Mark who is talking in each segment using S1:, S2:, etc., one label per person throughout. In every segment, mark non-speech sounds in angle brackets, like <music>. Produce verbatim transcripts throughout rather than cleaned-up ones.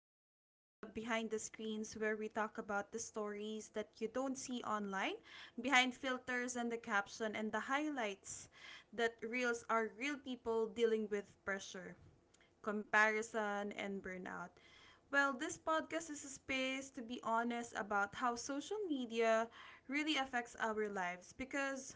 S1: This is the behind the screens where we talk about the stories that you don't see online, behind filters and the caption and the highlights that reels are real people dealing with pressure, comparison and burnout. Well, this podcast is a space to be honest about how social media really affects our lives because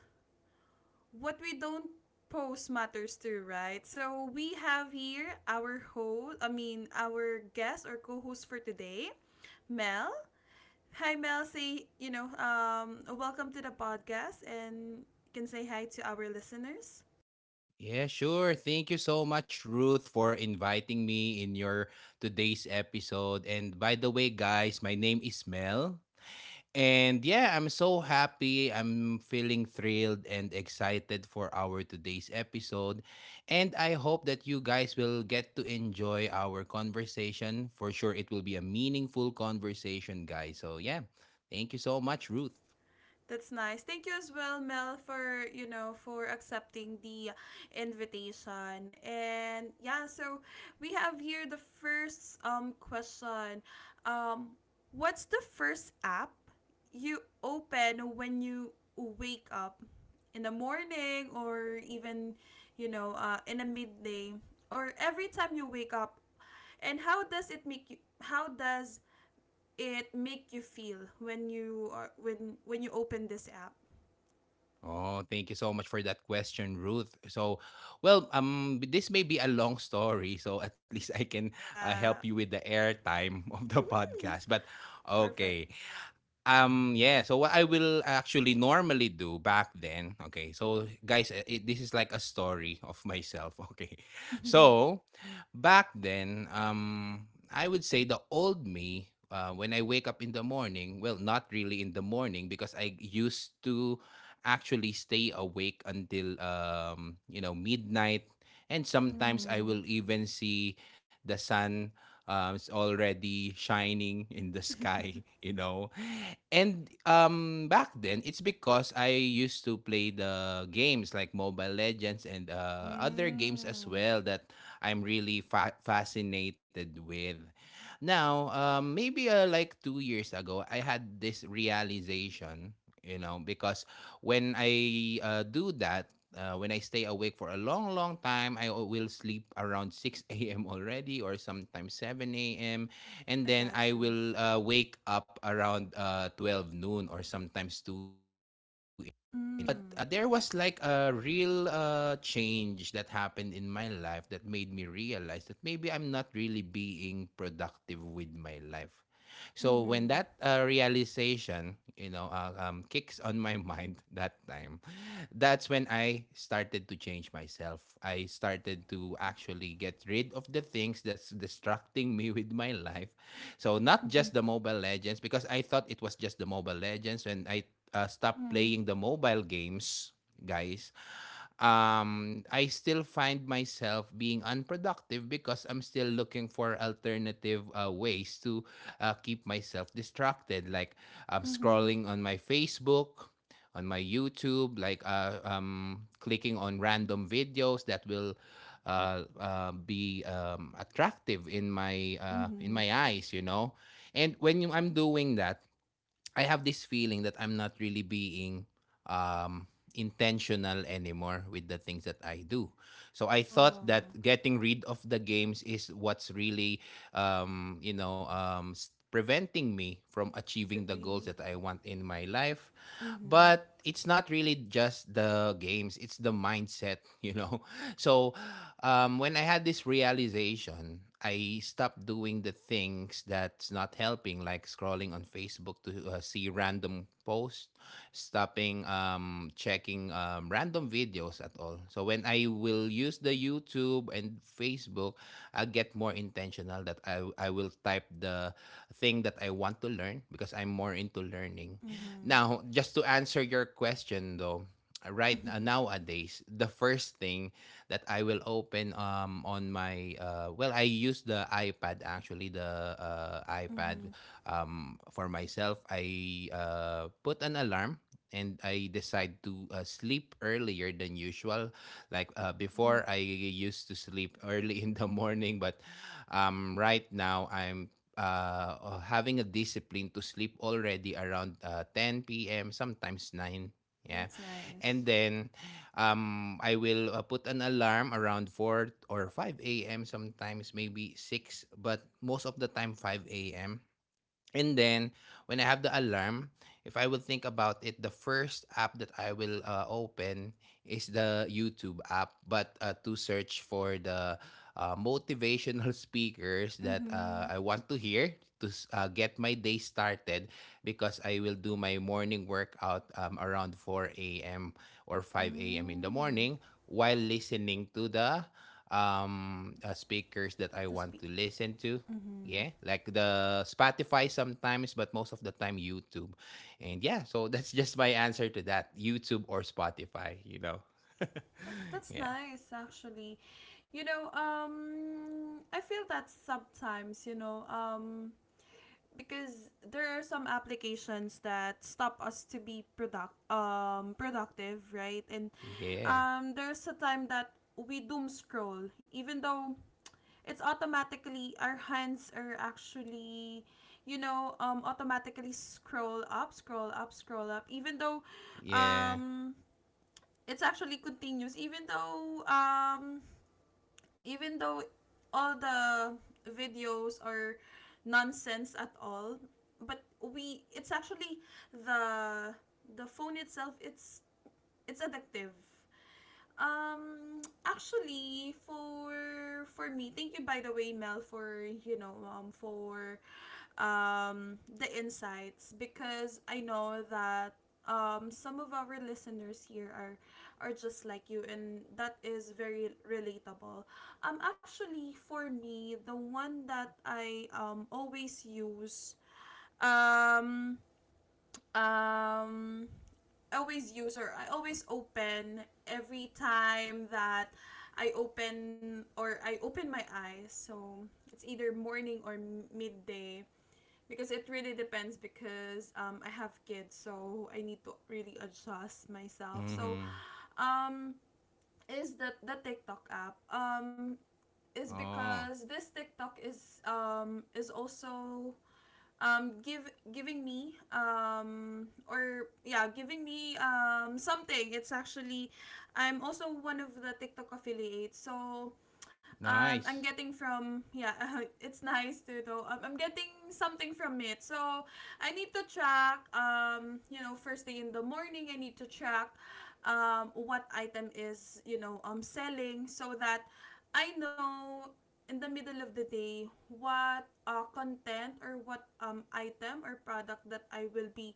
S1: what we don't post matters too, right? So we have here our host, I mean, our guest or co-host for today, Mel. Hi, Mel. Say, you know, um, welcome to the podcast and you can say hi to our listeners.
S2: Yeah, sure. Thank you so much, Ruth, for inviting me in your today's episode. And by the way, guys, my name is Mel. And yeah, I'm so happy. I'm feeling thrilled and excited for our today's episode. And I hope that you guys will get to enjoy our conversation. For sure, it will be a meaningful conversation, guys. So yeah, thank you so much, Ruth.
S1: That's nice. Thank you as well, Mel, for you know for accepting the invitation. And yeah, so we have here the first um question. Um, what's the first app you open when you wake up in the morning or even you know uh, in the midday or every time you wake up? And how does it make you? How does it make you feel when you are when when you open this app?
S2: Oh, thank you so much for that question, Ruth. So, well, um, this may be a long story, so <laughs> at least I can uh, help you
S1: Yeah.
S2: with the airtime <laughs> of the
S1: Hmm.
S2: podcast. But
S1: Perfect.
S2: okay, Um, yeah. So what I will actually normally do back then, okay. So guys, uh, it, this is like a story of myself, <laughs> okay.
S1: Mm-hmm.
S2: So back then, um, I would say the old me, uh, when I wake up in the morning, well, not really in the morning because I used to actually stay awake until um, you know, midnight, and sometimes I
S1: Mm-hmm.
S2: will even see the sun, um, it's already shining in the sky, <laughs> you know. And um, back then, it's because I used to play the games like Mobile Legends and uh,
S1: <laughs>
S2: other games as
S1: Mm.
S2: well that I'm really fa- fascinated with. Now, um, maybe uh, like two years ago, I had this realization, you know, because when I uh, do that, uh, when I stay awake for a long, long time, I o- will sleep around six <laughs> a m already or sometimes seven a m. And
S1: I
S2: then
S1: got
S2: I
S1: you.
S2: will uh, wake up around uh, twelve noon or sometimes two, but
S1: Mm.
S2: uh, there was like a real uh, change that happened in my life that made me realize that maybe I'm not really being productive with my life. So when that uh,
S1: Mm-hmm.
S2: realization, you know, uh, um, kicks on my <laughs> mind that time, that's when I started to change myself. I started to actually get rid of the things that's distracting me with my life. So not just
S1: Mm-hmm.
S2: the Mobile Legends, because I thought it was just the Mobile Legends when I uh, stopped
S1: Mm-hmm.
S2: playing the mobile games, guys. um, I still find myself being unproductive because I'm still looking for alternative uh, ways to uh, keep myself distracted. Like I'm
S1: Mm-hmm.
S2: scrolling on my Facebook, on my YouTube, like uh, um, clicking on random videos that will uh, uh, be um, attractive in my uh, in
S1: Mm-hmm.
S2: my eyes, you know. And when you, I'm doing that, I have this feeling that I'm not really being um, intentional anymore with the things that I do. So I thought
S1: Oh,
S2: that getting rid of the games is what's really, um, you know, um, s- preventing me from
S1: to
S2: achieving the goals
S1: be.
S2: that I want in my life.
S1: Mm-hmm.
S2: But it's not really just the games, it's the mindset, <laughs> you know. So um, when I had this realization, I stopped doing the things that's not helping, like scrolling on Facebook to uh, see random posts, stopping um, checking um, random videos at all. So when I will use the YouTube and Facebook, I get more intentional that I, I will type the thing that I want to learn because I'm more into learning.
S1: Mm-hmm.
S2: Now, just to answer your question though, right uh,
S1: <laughs> Mm-hmm.
S2: nowadays, the first thing that I will open, um on my uh well, I use the iPad, actually, the uh, iPad.
S1: Mm-hmm.
S2: Um for myself, I uh put an alarm and I decide to uh, sleep earlier than usual. Like uh,
S1: Mm-hmm.
S2: before, I used to sleep <laughs> early in the morning, but um right now, I'm uh, uh, having a discipline to sleep already around uh, ten p m, sometimes nine. Yeah.
S1: That's
S2: And
S1: nice.
S2: then, um, I will uh, put an alarm around four or five a m, sometimes, maybe six, but most of the time five a m. And then when I have the alarm, if I will think about it, the first app that I will uh, open is the YouTube app, but uh, to search for the uh, motivational <laughs> speakers that uh,
S1: Mm-hmm.
S2: I want to hear, to s- uh, get my day started, because I will do my morning workout um, around four a m or five a m in the
S1: Mm.
S2: morning, while listening to the um uh, speakers that
S1: To
S2: I
S1: speak.
S2: want to listen to.
S1: Mm-hmm.
S2: Yeah, like the Spotify sometimes, but most of the time YouTube. And yeah, so <laughs> that's just my answer to that. YouTube or Spotify, you know. <laughs>
S1: That, that's
S2: Yeah.
S1: nice, actually. You know, um, I feel that sometimes, you know, um, because there are some applications that stop us to be product um productive, right? And
S2: Yeah.
S1: um, there's a time that we doom scroll, even though it's automatically our hands are actually, you know, um, automatically scroll up, scroll up, scroll up, even though,
S2: Yeah.
S1: um it's actually continues even though um even though all the videos are nonsense at all, but we, it's actually the the phone itself, it's it's addictive. Um, actually, for for me, thank you by the way, Mel, for you know, um, for um the insights, because I know that um some of our listeners here are are just like you, and that is very relatable. Um, actually, for me, the one that I um always use, um um always use, or I always open every time that I open or I open my eyes. So it's either morning or m- midday, because it really depends, because um, I have kids, so I need to really adjust myself. So
S2: Mhm.
S1: um, is the the TikTok app, um, is
S2: Oh,
S1: because this TikTok is, um, is also, um, give giving me, um, or yeah, giving me um, something. It's actually, I'm also one of the TikTok affiliates, so um, I'm
S2: nice.
S1: getting from, yeah, <laughs> it's nice too though. Um, I'm getting something from it. So I need to track, um, you know, first thing in the morning I need to track um what item is, you know, um selling, so that I know in the middle of the day what uh, content or what um, item or product that I will be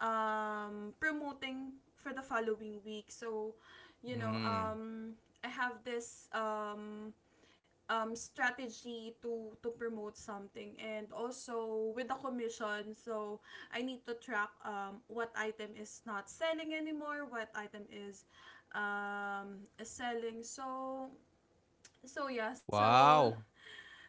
S1: um, promoting for the following week. So, you know,
S2: Mm.
S1: um, I have this um, um strategy to to promote something, and also with the commission, so I need to track um what item is not selling anymore, what item is um is selling. So so yeah so
S2: Wow.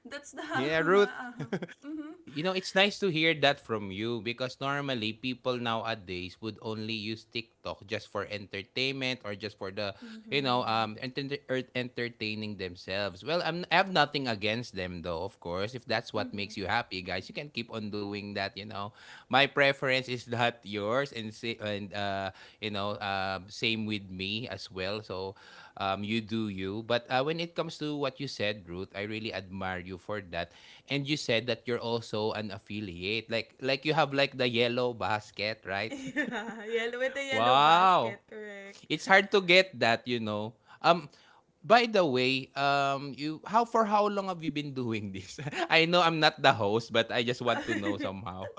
S1: That's the <laughs>
S2: Yeah, Ruth.
S1: uh,
S2: <laughs>
S1: mhm.
S2: You know, it's nice to hear that from you, because normally people nowadays would only use TikTok just for entertainment or just for the, you know, um
S1: Mhm.
S2: enter- er- entertaining themselves. Well, I'm, I have nothing against them though, of course. If that's what makes
S1: Mhm.
S2: you happy, guys, you can keep on doing that, you know. My preference is not yours, and say, and uh, you know, uh, same with me as well. So, um you do you. But uh, when it comes to what you said, Ruth, I really admire you for that, and you said that you're also an affiliate. Like like you have like the yellow basket,
S1: <laughs>
S2: right? <laughs>
S1: Yeah, yellow, with the yellow
S2: Wow.
S1: basket, correct.
S2: It's hard to get that, you know. Um by the way, um you how for how long have you been doing this? <laughs> I know I'm not the host, but I just want to know
S1: <laughs>
S2: somehow.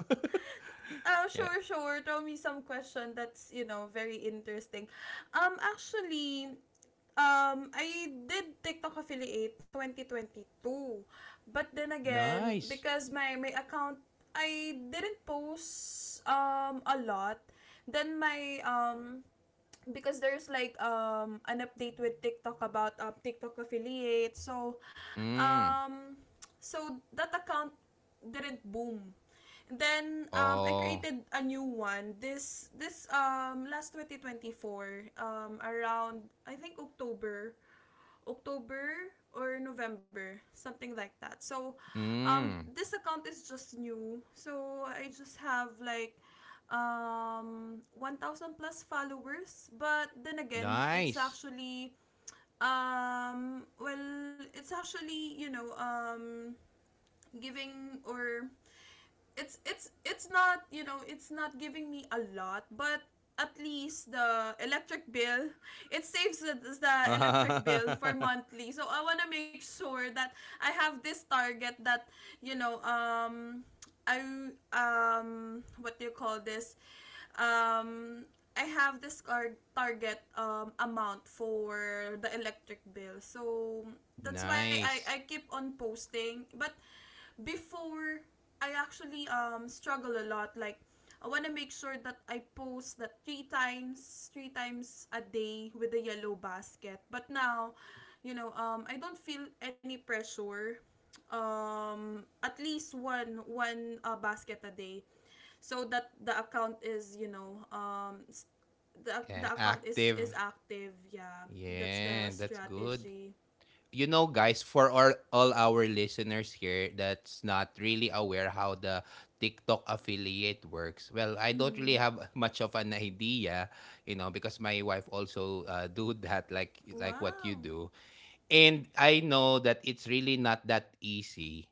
S1: Ah,
S2: <laughs> Yeah.
S1: sure, sure. Throw me some question that's, you know, very interesting. Um, actually, Um, I did TikTok affiliate twenty twenty two. But then again,
S2: Nice.
S1: because my my account, I didn't post um a lot, then my, um because there's like um an update with TikTok about uh, TikTok affiliate. So
S2: Mm.
S1: um so that account didn't boom. Then um I
S2: Oh.
S1: created a new one, this this um last twenty twenty four, um around I think October, October or November, something like that. So, um,
S2: Mm.
S1: this account is just new. So, I just have like um one thousand plus followers, but then again, it's
S2: Nice.
S1: actually, um well, it's actually, you know, um giving, or it's it's it's not, you know it's not giving me a lot, but at least the electric bill, <laughs> it saves the, the electric bill for
S2: <laughs>
S1: monthly. So I want to make sure that I have this target, that you know um I, um what do you call this, um I have this car- target um amount for the electric bill. So that's why i
S2: Nice.
S1: i keep on posting. But before, I actually um struggle a lot. Like, I wanna make sure that I post that three times, three times a day with the yellow basket. But now, you know, um, I don't feel any pressure. Um, at least one one uh, basket a day, so that the account is, you know um s- the
S2: Yeah,
S1: the account is is
S2: active.
S1: active. Yeah, that's the
S2: Yeah, that's good.
S1: strategy.
S2: You know, guys, for all, all our listeners here that's not really aware how the TikTok affiliate works, well, I don't
S1: Mm-hmm.
S2: really have <laughs> much of an idea, you know, because my wife also uh, do that, like like what you
S1: Wow.
S2: do. And I know that it's really not that easy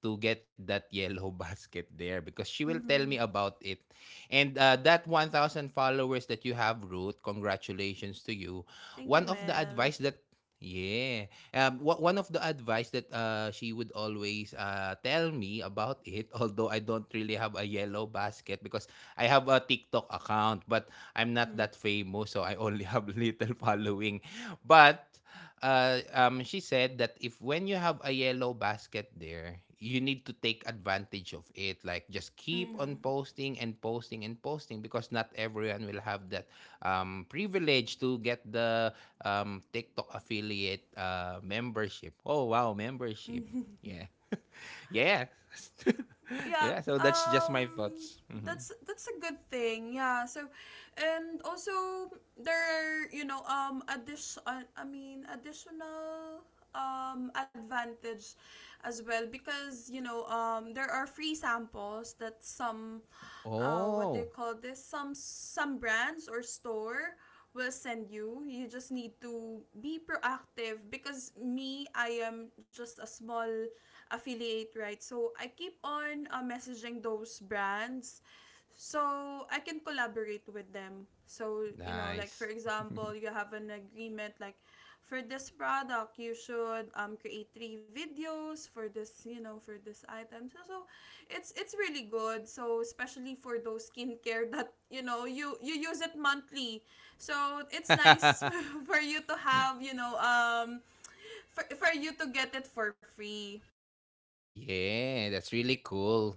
S2: to get that <laughs> yellow basket there, because she will tell me
S1: Mm-hmm.
S2: about it. And uh, that one thousand followers that you have, Ruth, congratulations to you.
S1: Thank you,
S2: One of the
S1: Mel.
S2: advice that, yeah. Um, wha- one of the advice that uh, she would always uh, tell me about it, <laughs> although I don't really have a yellow basket, because I have a TikTok account, but I'm not
S1: Mm-hmm.
S2: that famous, so I only have <laughs> little following. But uh, um, she said that if when you have a yellow basket there, you need to take advantage of it, like just keep on
S1: Mm-hmm.
S2: posting and posting and posting, because not everyone will have that um, privilege to get the um, TikTok affiliate uh, membership. Oh, wow, membership. Yeah. <laughs> Yeah. <laughs>
S1: Yeah.
S2: Yeah, so that's just my
S1: Um.
S2: thoughts. Mhm.
S1: That's that's a good thing. Yeah. So, and also, there are, you know um addition I mean additional um advantage as well, because you know um there are free samples that some, uh what they
S2: Oh,
S1: call this some some brands or store will send you. You just need to be proactive, because me, I am just a small affiliate, right? So I keep on uh, messaging those brands so I can collaborate with them. So, you know, like for
S2: nice.
S1: example, you have an agreement, like for this product you should um create three videos for this, you know, for this item. So, so it's it's really good. So especially for those skincare <laughs> that, you know, you you use it monthly. So it's nice
S2: <laughs>
S1: <laughs> for you to have, you know, um, for, for you to get it for free.
S2: Yeah, that's really cool,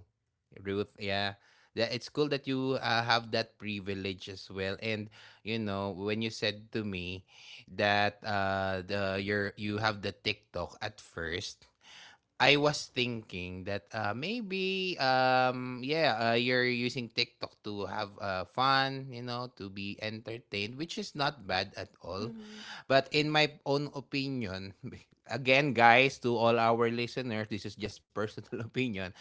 S2: Ruth. Yeah, that it's cool that you uh, have that privilege as well. And you know, when you said to me that uh, the your you have the TikTok at first, I was thinking that uh, maybe um yeah uh, you're using TikTok to have uh, fun, you know, to be entertained, which is not bad at all,
S1: Mm-hmm.
S2: but in my own opinion, <laughs> again, guys, to all our listeners, this is just personal <laughs> opinion,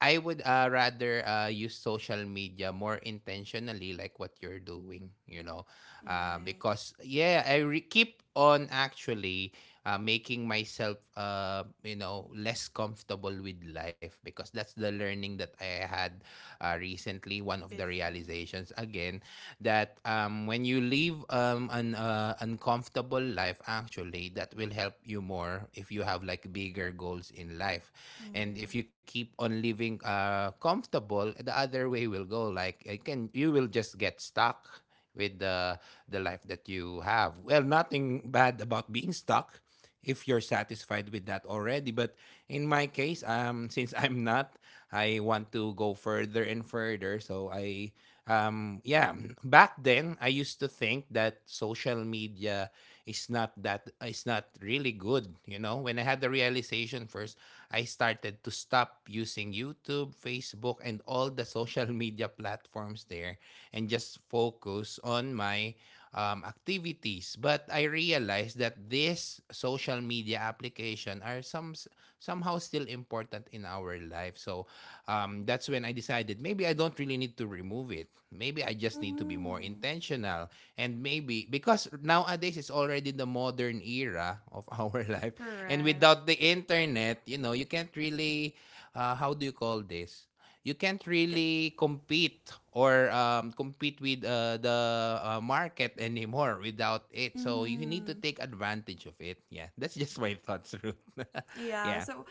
S2: I would uh, rather uh, use social media more intentionally, like what you're doing, you know. Uh,
S1: Nice.
S2: because yeah, I re- keep on actually uh, making myself uh, you know, less comfortable with life, because that's the learning that I had uh, recently, one of the
S1: Before.
S2: realizations again, that um, when you live um, an uh, uncomfortable life, actually that will help you more if you have like bigger goals in life. And if
S1: Mm-hmm.
S2: you keep on living uh, comfortable, the other way will go, like I can, you will just get stuck with the the life that you have. Well, nothing bad about being stuck if you're satisfied with that already. But in my case, um, <laughs> since I'm not, I want to go further and further. So I, um, yeah, back then I used to think that social media is not that, is not really good, you know. When I had the realization first, I started to stop using YouTube, Facebook, and all the <laughs> social media platforms there, and just focus on my um, activities. But I realized that these social media application are some, somehow still important in our life. So um, that's when I decided maybe I don't really need to remove it. Maybe I just need to be
S1: Mm-hmm.
S2: more intentional. And maybe because nowadays it's already the modern era of <laughs> our life. And
S1: Correct.
S2: without the internet, you know, you can't really, uh, how do you call this? You can't
S1: Get-
S2: really compete, or um, compete with uh, the uh, market anymore without it. So you need to
S1: Mm-hmm.
S2: take advantage of it. Yeah, <laughs> that's just my thoughts, Ruth. <laughs>
S1: Yeah,
S2: Yeah.
S1: so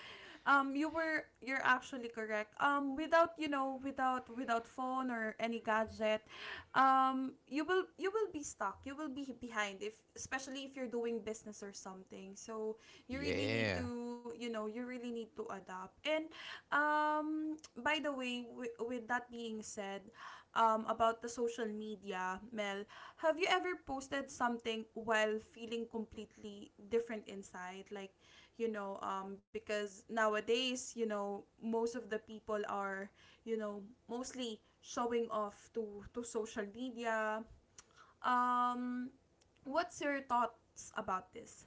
S1: um you were, you're actually correct. Um without, you know, without without phone or any gadget, um you will, you will be stuck. You will be behind, if especially if you're doing business or something. So you really need
S2: Yeah.
S1: to, you know, you really need to adapt. And um by the way, wi- with that being said, um about the social media, Mel, have you ever posted something while feeling completely different inside? Like, you know um because nowadays, you know most of the people are, you know mostly showing off to to social media, um what's your thoughts about this?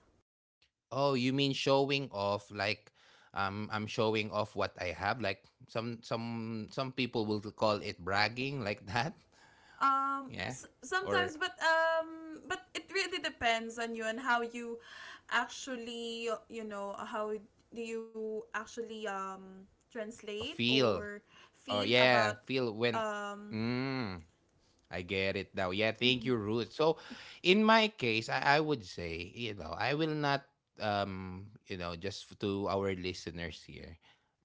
S2: Oh, you mean showing off, like um I'm showing off what I have, like some some some people will call it bragging, like that. <laughs>
S1: um
S2: Yeah.
S1: s-
S2: Or
S1: Sometimes, but um but it really depends on you, and how you actually, you know, how do you actually, um
S2: uh,
S1: translate,
S2: feel.
S1: or feel
S2: Oh
S1: about,
S2: yeah, feel when
S1: um
S2: mm, I get it now. Yeah,
S1: <laughs>
S2: thank
S1: mhm.
S2: you, Ruth. So, in my case, I, I would say, you know, I will not, um, you know, just f- to our listeners here,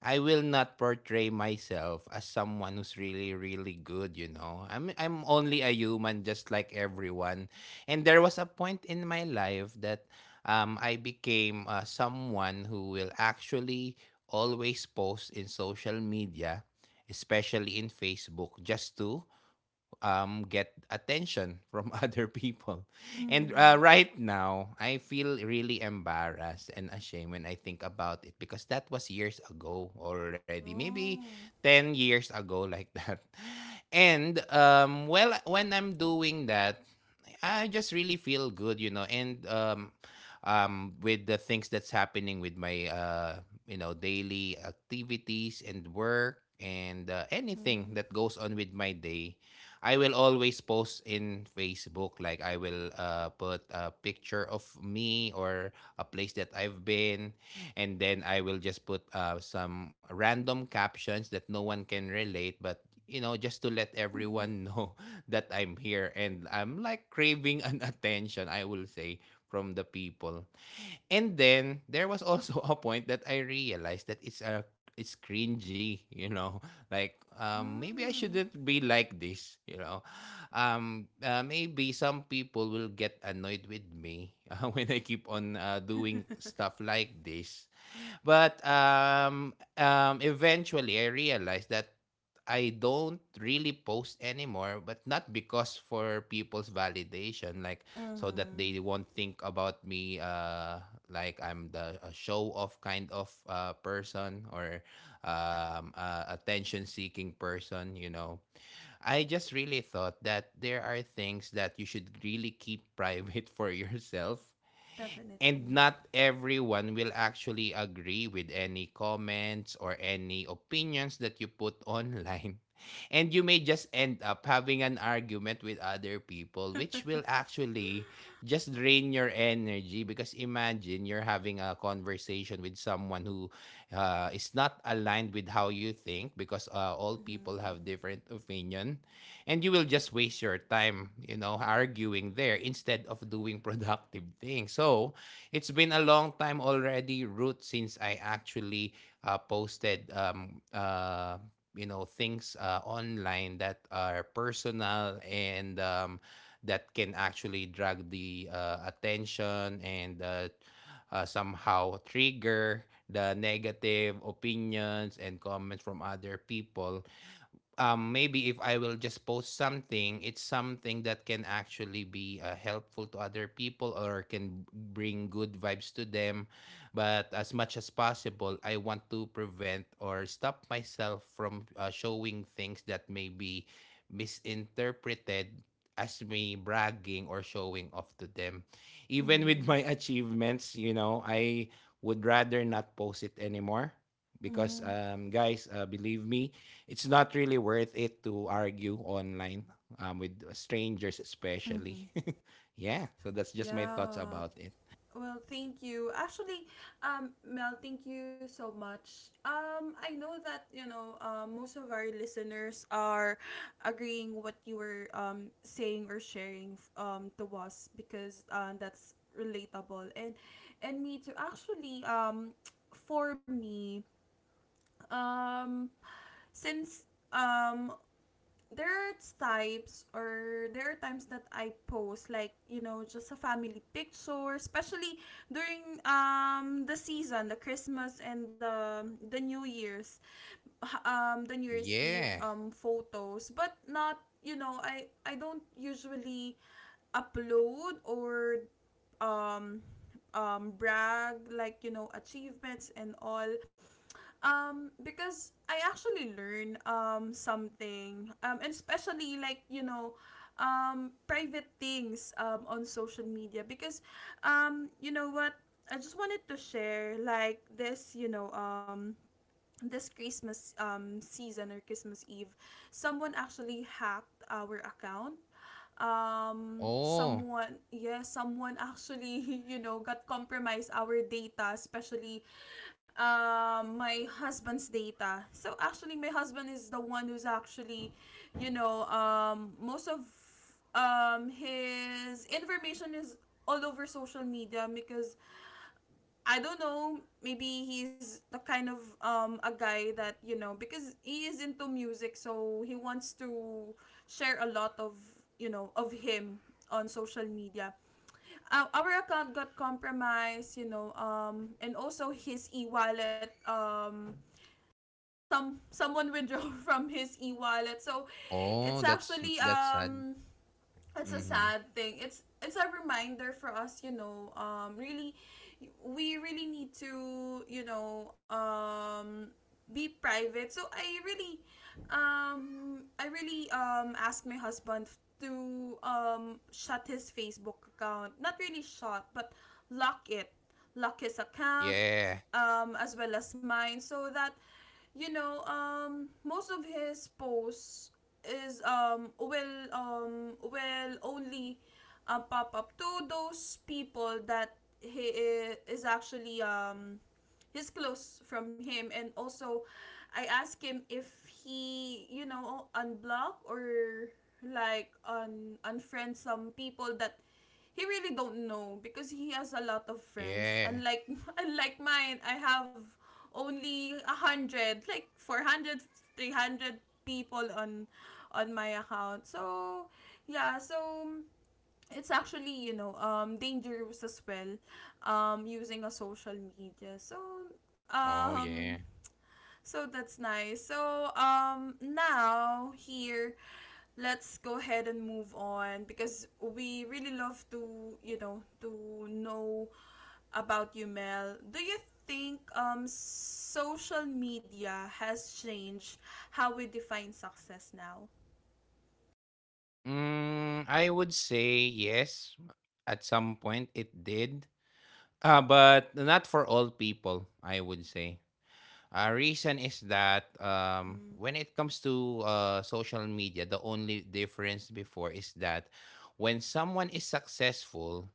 S2: I will not portray myself as someone who's really, really good. You know, I'm I'm only a human, just like everyone. And there was a point in my life that, um, I became uh, someone who will actually always post in social media, especially in Facebook, just to um, get attention from <laughs> other people. And uh,
S1: Mhm.
S2: right now, I feel really embarrassed and ashamed when I think about it because that was years ago already, maybe
S1: Oh.
S2: ten years ago, like that. <laughs> And um, well, when I'm doing that, I just really feel good, you know, and um, um, with the things that's happening with my, uh, you know, daily activities and work and uh, anything
S1: Mhm.
S2: that goes on with my day, I will always post in Facebook. Like I will uh, put a picture of me or a place that I've been, and then I will just put uh, some random captions that no one can relate, but you know, just to let
S1: Mhm.
S2: everyone know <laughs> that I'm here and I'm like craving an attention, I will say, from the people. And then there was also a point that I realized that it's a it's cringy, you know. Like um, maybe I shouldn't
S1: Mm.
S2: be like this, you know. Um, uh, maybe some people will get annoyed with me <laughs> uh, when I keep on uh, doing stuff
S1: <laughs>
S2: like this. But um, um, eventually, I realized that I don't really post anymore, but not because for people's validation, like so that
S1: Mhm.
S2: they won't think about me, uh, like I'm the a show off kind of uh, person or um, uh, attention seeking person, you know. I just really thought that there are things that you should really keep private <laughs> for yourself. And
S1: Definitely.
S2: not everyone will actually agree with any comments or any opinions that you put online. <laughs> And you may just end up having an argument with other people, which will
S1: <laughs>
S2: actually just drain your energy. Because imagine you're having a conversation with someone who uh, is not aligned with how you think, because uh, all people
S1: Mhm.
S2: have different opinion, and you will just waste your time, you know, arguing there instead of doing <laughs> productive things. So it's been a long time already, Ruth, since I actually uh, posted um uh you know things uh, online that are personal and um that can actually drag the uh, attention and uh, uh, somehow trigger the negative opinions and comments from other people. Um, maybe if I will just post something, it's something that can actually be uh, helpful to other people or can bring good vibes to them. But as much as possible, I want to prevent or stop myself from uh, showing things that may be misinterpreted as me bragging or showing off to them. Even with
S1: Mhm.
S2: my <laughs> achievements, you know, I would rather not post it anymore because
S1: Mhm.
S2: um guys, uh, believe me, it's not really worth it to argue online, um, with strangers especially.
S1: Mhm.
S2: <laughs> Yeah, so that's just my thoughts
S1: Yeah.
S2: about it.
S1: Well, thank you. Actually, um, Mel, thank you so much. Um, I know that, you know um, most of our listeners are agreeing what you were, um, saying or sharing, um, to us, because uh, that's relatable. and and me too. Actually, um, for me, um, since um there are types, or there are times that I post like, you know, just a family picture, especially during um the season, the Christmas and the the New Year's, h- um the New Year's Eve
S2: Yeah.
S1: um photos, but not, you know I I don't usually upload or um um brag, like, you know, achievements and all, um because I actually learn um something, um and especially, like, you know um private things um on social media. Because, um you know what, I just wanted to share, like, this you know um this Christmas, um, season, or Christmas Eve, someone actually hacked our account. Um,
S2: Oh.
S1: someone, yeah, someone actually, <laughs> you know, got compromised our data, especially um, my husband's data. So actually, my husband is the one who's actually, you know, um, most of um, his information is all over social media, because I don't know, maybe he's the kind of um a guy that, you know, because he is into music, so he wants to share a lot of, you know, of him on social media. Our, our account got compromised, you know, um and also his e-wallet, um some someone withdrew <laughs> from his e-wallet. So
S2: Oh
S1: it's
S2: that's
S1: actually,
S2: that's sad.
S1: um it's a
S2: Mm-hmm.
S1: sad thing. It's it's a reminder for us, you know. Um, really, we really need to, you know, um, be private. So I really, um, I really um asked my husband to um shut his Facebook account. Not really shut, but lock it, lock his account,
S2: Yeah.
S1: um, as well as mine, so that you know um, most of his posts is um, will um, will only uh, pop up to those people that he i- is actually um, his clothes from him. And also I asked him if he you know unblock or like un unfriend some people that he really don't know because he has a lot of friends
S2: Yeah.
S1: unlike <laughs> unlike mine. I have only a hundred, like four hundred, three hundred people on on my account, so yeah. So it's actually you know um dangerous as well, um using a social media. So
S2: Oh yeah.
S1: um so that's nice. So um now here, let's go ahead and move on because we really love to, you know to know about you, Mel. Do you think um social media has changed how we define success now?
S2: mm, I would say yes, at some point it did, uh, but not for all people. I would say a reason is that um,
S1: Mm-hmm.
S2: when it comes to uh, social media, the only difference before is that when someone is successful,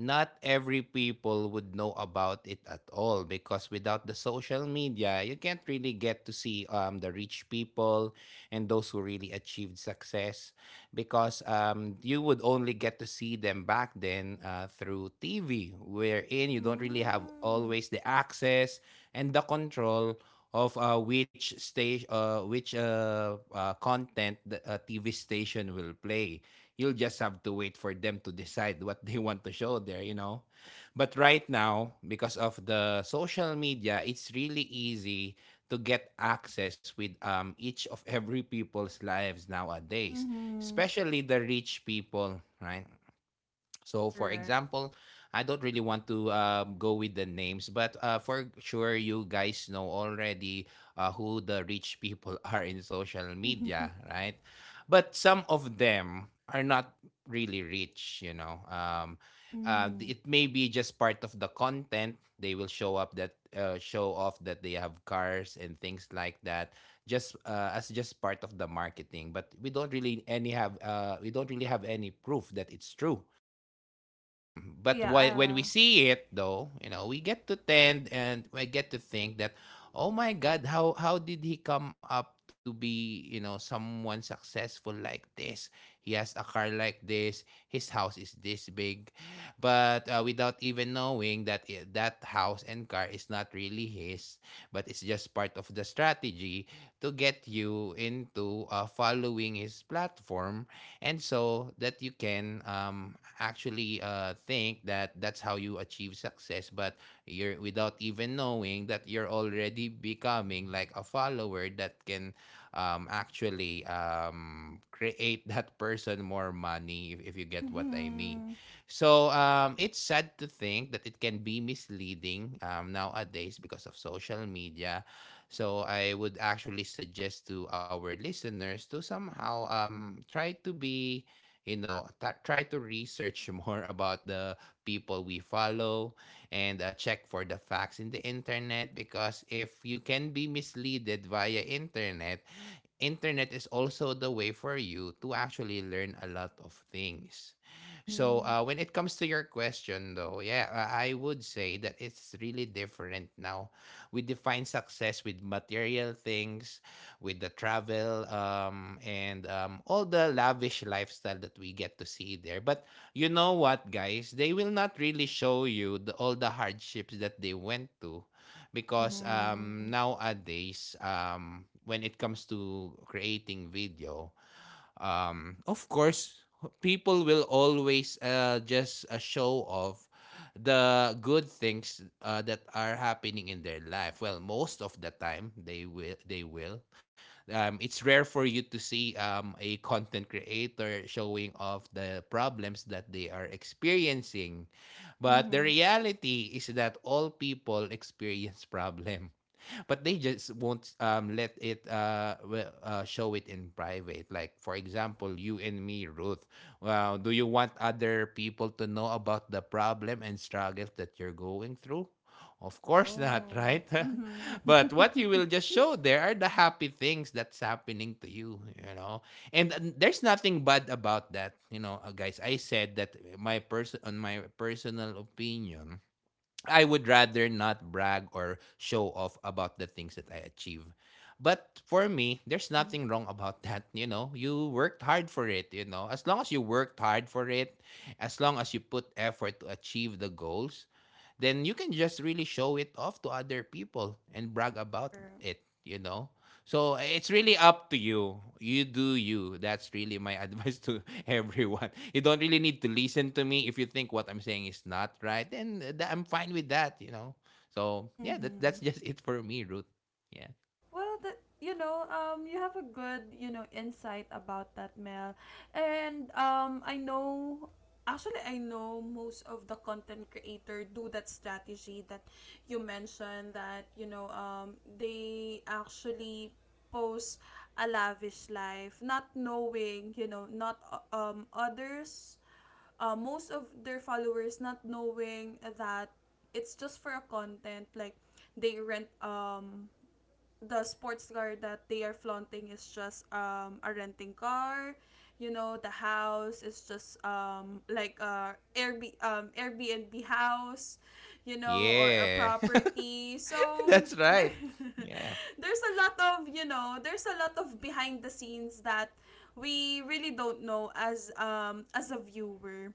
S2: not every people would know about it at all because without the social media, you can't really get to see um, the rich people and those who really achieved success. Because um, you would only get to see them back then uh, through T V, wherein you don't really have
S1: Mm.
S2: always the access and the control of uh, which stage, uh, which uh, uh, content the uh, T V station will play. You'll just have to wait for them to decide what they <laughs> want to show there, you know. But right now, because of the social media, it's really easy to get access with um, each of every people's lives nowadays,
S1: Mm-hmm.
S2: especially the rich people, right? So, for
S1: Correct.
S2: example, I don't really want to um, go with the names, but uh, for sure, you guys know already uh, who the rich people <laughs> are in social
S1: <laughs>
S2: media,
S1: Mm.
S2: right? But some of them are not really rich, you know. Um, uh, th- it may be just part of the content. They will show up that uh, show off that they have cars and things like that, just uh, as just part of the marketing. But we don't really any have uh, we don't really have any proof that it's true. Um, but
S1: Yeah.
S2: whi- when we
S1: Uh,
S2: see it, though, you know, we get to tend and we get to think that, oh my God, how how did he come up to be, you know, someone successful like this? He has a car like this. His house is this big, but uh, without even knowing that i- that house and car is not really his, but it's just part of the strategy to get you into uh, following his platform, and so that you can um, actually uh, think that that's how you achieve success, but you're without even knowing that you're already becoming like a follower that can um, actually um, create <laughs> that person more money, if, if you get what I mean.
S1: mm-hmm.
S2: So um, it's sad to think that it can be misleading um, nowadays because of social media. So I would actually suggest to our listeners to somehow um try to be, you know, t- try to research <laughs> more about the people we follow and uh, check for the facts in the internet. Because if you can be misleaded via internet, internet is also the way for you to actually learn a lot of things. So uh,
S1: Mm-hmm.
S2: when it comes to your question, though, yeah, I I would say that it's really different now. We define success with material things, with the travel, um, and um, all the lavish lifestyle that we get to see there. But you know what, guys? They will not really show you the, all the hardships that they went to because um,
S1: Mm-hmm.
S2: nowadays um, when it comes to creating video, um, of course, people will always uh, just uh, show off the good things uh, that are happening in their life. Well, most of the time they will they will. Um, it's rare for you to see um, a content creator showing off the problems that they are experiencing. But the
S1: Mm-hmm.
S2: reality is that all people experience <laughs> problem. But they just won't um, let it uh, well, uh, show it in private. Like for example, you and me, Ruth. Well, do you want other people to know about the problem and struggles that you're going through? Of course not,
S1: No.
S2: right? <laughs> But what you
S1: Mm-hmm.
S2: will
S1: <laughs>
S2: just show there are the happy things that's happening to you, you know. And, and there's nothing bad about that, you know, uh, guys. I said that my person on my personal opinion, I would rather not brag or show off about the things that I achieve. But for me, there's
S1: Mm-hmm.
S2: nothing wrong about <laughs> that. You know, you worked hard for it. You know, as long as you worked hard for it, as long as you put effort to achieve the goals, then you can just really show it off to other people and brag about
S1: Correct.
S2: it, you know? So it's really up to you. You do you. That's really my <laughs> advice to everyone. You don't really need to listen to me. If you think what I'm saying is not right, then th- I'm fine with that, you know? So yeah, that, that's
S1: Mm-hmm.
S2: just it for me, Ruth. Yeah.
S1: Well, that, you know, um, you have a good, you know insight about that, Mel. And um, I know. Actually, I know most of the content creator do that strategy that you mentioned. That, you know, um, they actually post a lavish life, not knowing, you know, not, uh, um others, uh, most of their followers not knowing that it's just for a content. Like they rent, um the sports car that they are flaunting is just, um, a renting car. You know, the house is just, um, like a Airb- um, Airbnb house, you know, or a
S2: Yeah. <laughs>
S1: property. So um,
S2: That's
S1: there,
S2: right. Yeah.
S1: <laughs> there's a lot of, you know, there's a lot of behind the scenes that we really don't know as, um, as a viewer.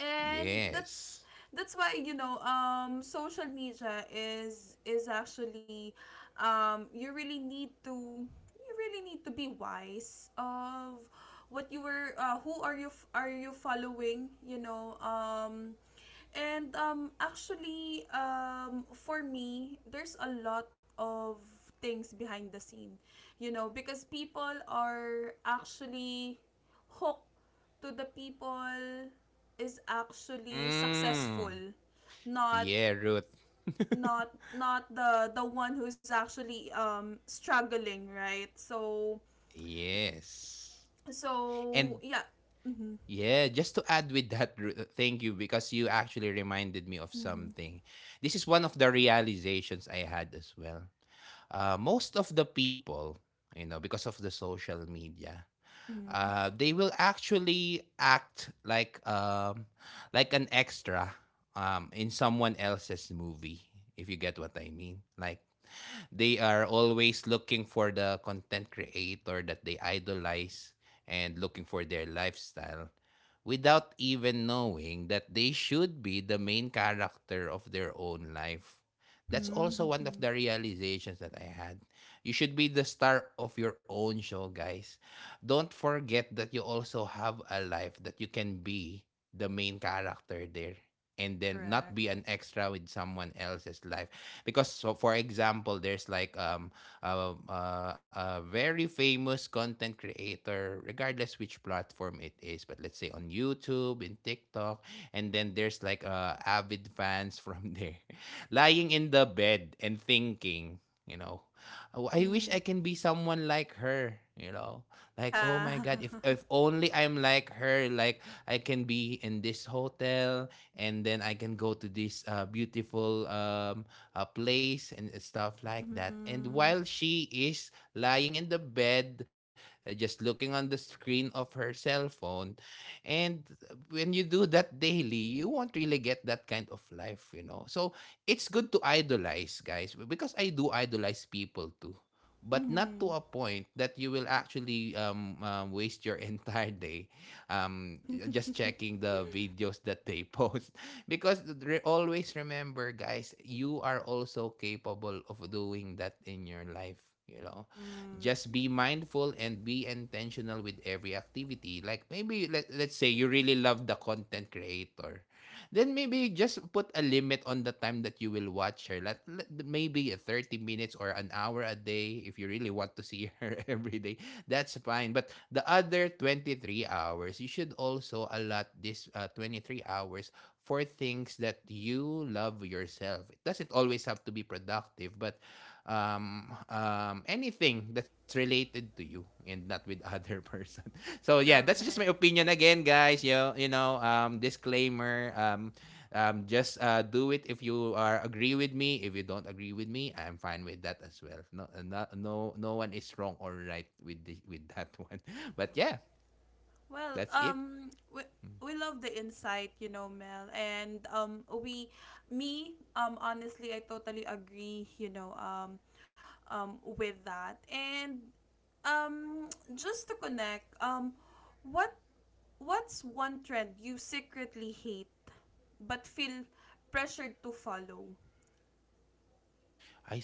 S1: And that's
S2: Yes.
S1: that's why, you know um social media is is actually, um you really need to, you really need to be wise of what you were, uh, who are you f- are you following, you know um and um actually, um for me, there's a lot of things behind the scene, you know because people are actually hooked to the people is actually
S2: Hmm.
S1: successful, not
S2: Yeah, Ruth. <laughs>
S1: not not the the one who's actually um struggling, right? So
S2: Yes.
S1: so
S2: And
S1: yeah. Mhm.
S2: yeah, just to add with that, Ru- thank you because you actually reminded me of
S1: Mhm.
S2: something. This is one of the realizations I had as well. Uh, most of the people, you know, because of the social media,
S1: Mhm.
S2: uh, they will actually act like um, like an extra um, in someone else's movie. If you get what I mean, like they are always looking for the content creator that they idolize and looking for their lifestyle without even knowing that they should be the main character of their own life. That's also one of
S1: Mhm.
S2: the realizations that I had. You should be the star of your own show, guys. Don't forget that you also have a life that you can be the main character there and then not
S1: Correct.
S2: be an extra with someone else's life. Because so for example there's like um a, a, a very famous content creator regardless which platform it is, but let's say on YouTube in TikTok. And then there's like uh, avid fans from there <laughs> lying in the bed and thinking, you know "Oh, I wish
S1: Mhm.
S2: I can be someone like her, you know, like, oh my
S1: Yeah.
S2: God, if
S1: <laughs>
S2: if only I'm like her, like I can be in this hotel and then I can go to this uh, beautiful um uh, place and stuff like that." And
S1: Mhm.
S2: while she is lying in the bed, uh, just looking on the screen of her cell phone, and when you do that daily, you won't really get that kind of life, you know. So it's good to idolize, guys, because I do idolize people too, but not
S1: Mhm.
S2: to a point that you will actually um, um, waste your <laughs> entire day, um, just checking the videos that they post. <laughs> Because re- always remember, guys, you are also capable of doing that in your life. You know,
S1: Mm,
S2: just be mindful and be intentional with every activity. Like maybe let, let's say you really love the content creator. Then maybe just put a limit on the time that you will watch her. Let, let- maybe a thirty minutes or an hour a day if you really want to see her <laughs> every day. That's fine. But the other twenty three hours, you should also allot this uh, twenty three hours for things that you love yourself. It doesn't always have to be productive, but um, um, anything that's related to you and not with <laughs> other person. So yeah, that's just my
S1: correct.
S2: opinion again, guys. You you know, um, disclaimer. Um, um, just uh, do it if you are agree with me. If you don't agree with me, I'm fine with that as well. No, no, no, no one is wrong or right with the, with that <laughs> one. But yeah,
S1: Well,
S2: that's it.
S1: um, we, we love the insight, you know, Mel. And um, we, me, um, honestly, I totally agree, you know, um, um, with that. And um, just to connect, um, what what's one trend you secretly hate but feel pressured to follow?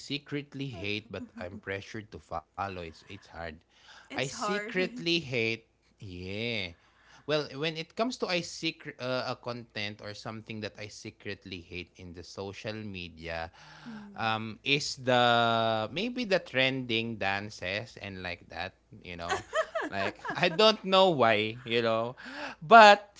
S2: I secretly hate, but I'm pressured to follow. It's it's hard.
S1: It's
S2: I
S1: hard. <laughs>
S2: secretly hate. Yeah. Well, when it comes to I secret uh, a content or something that I secretly hate in the social media,
S1: Mm.
S2: um, is the maybe the trending dances and like that. You know, like <laughs> I don't know why. You know, but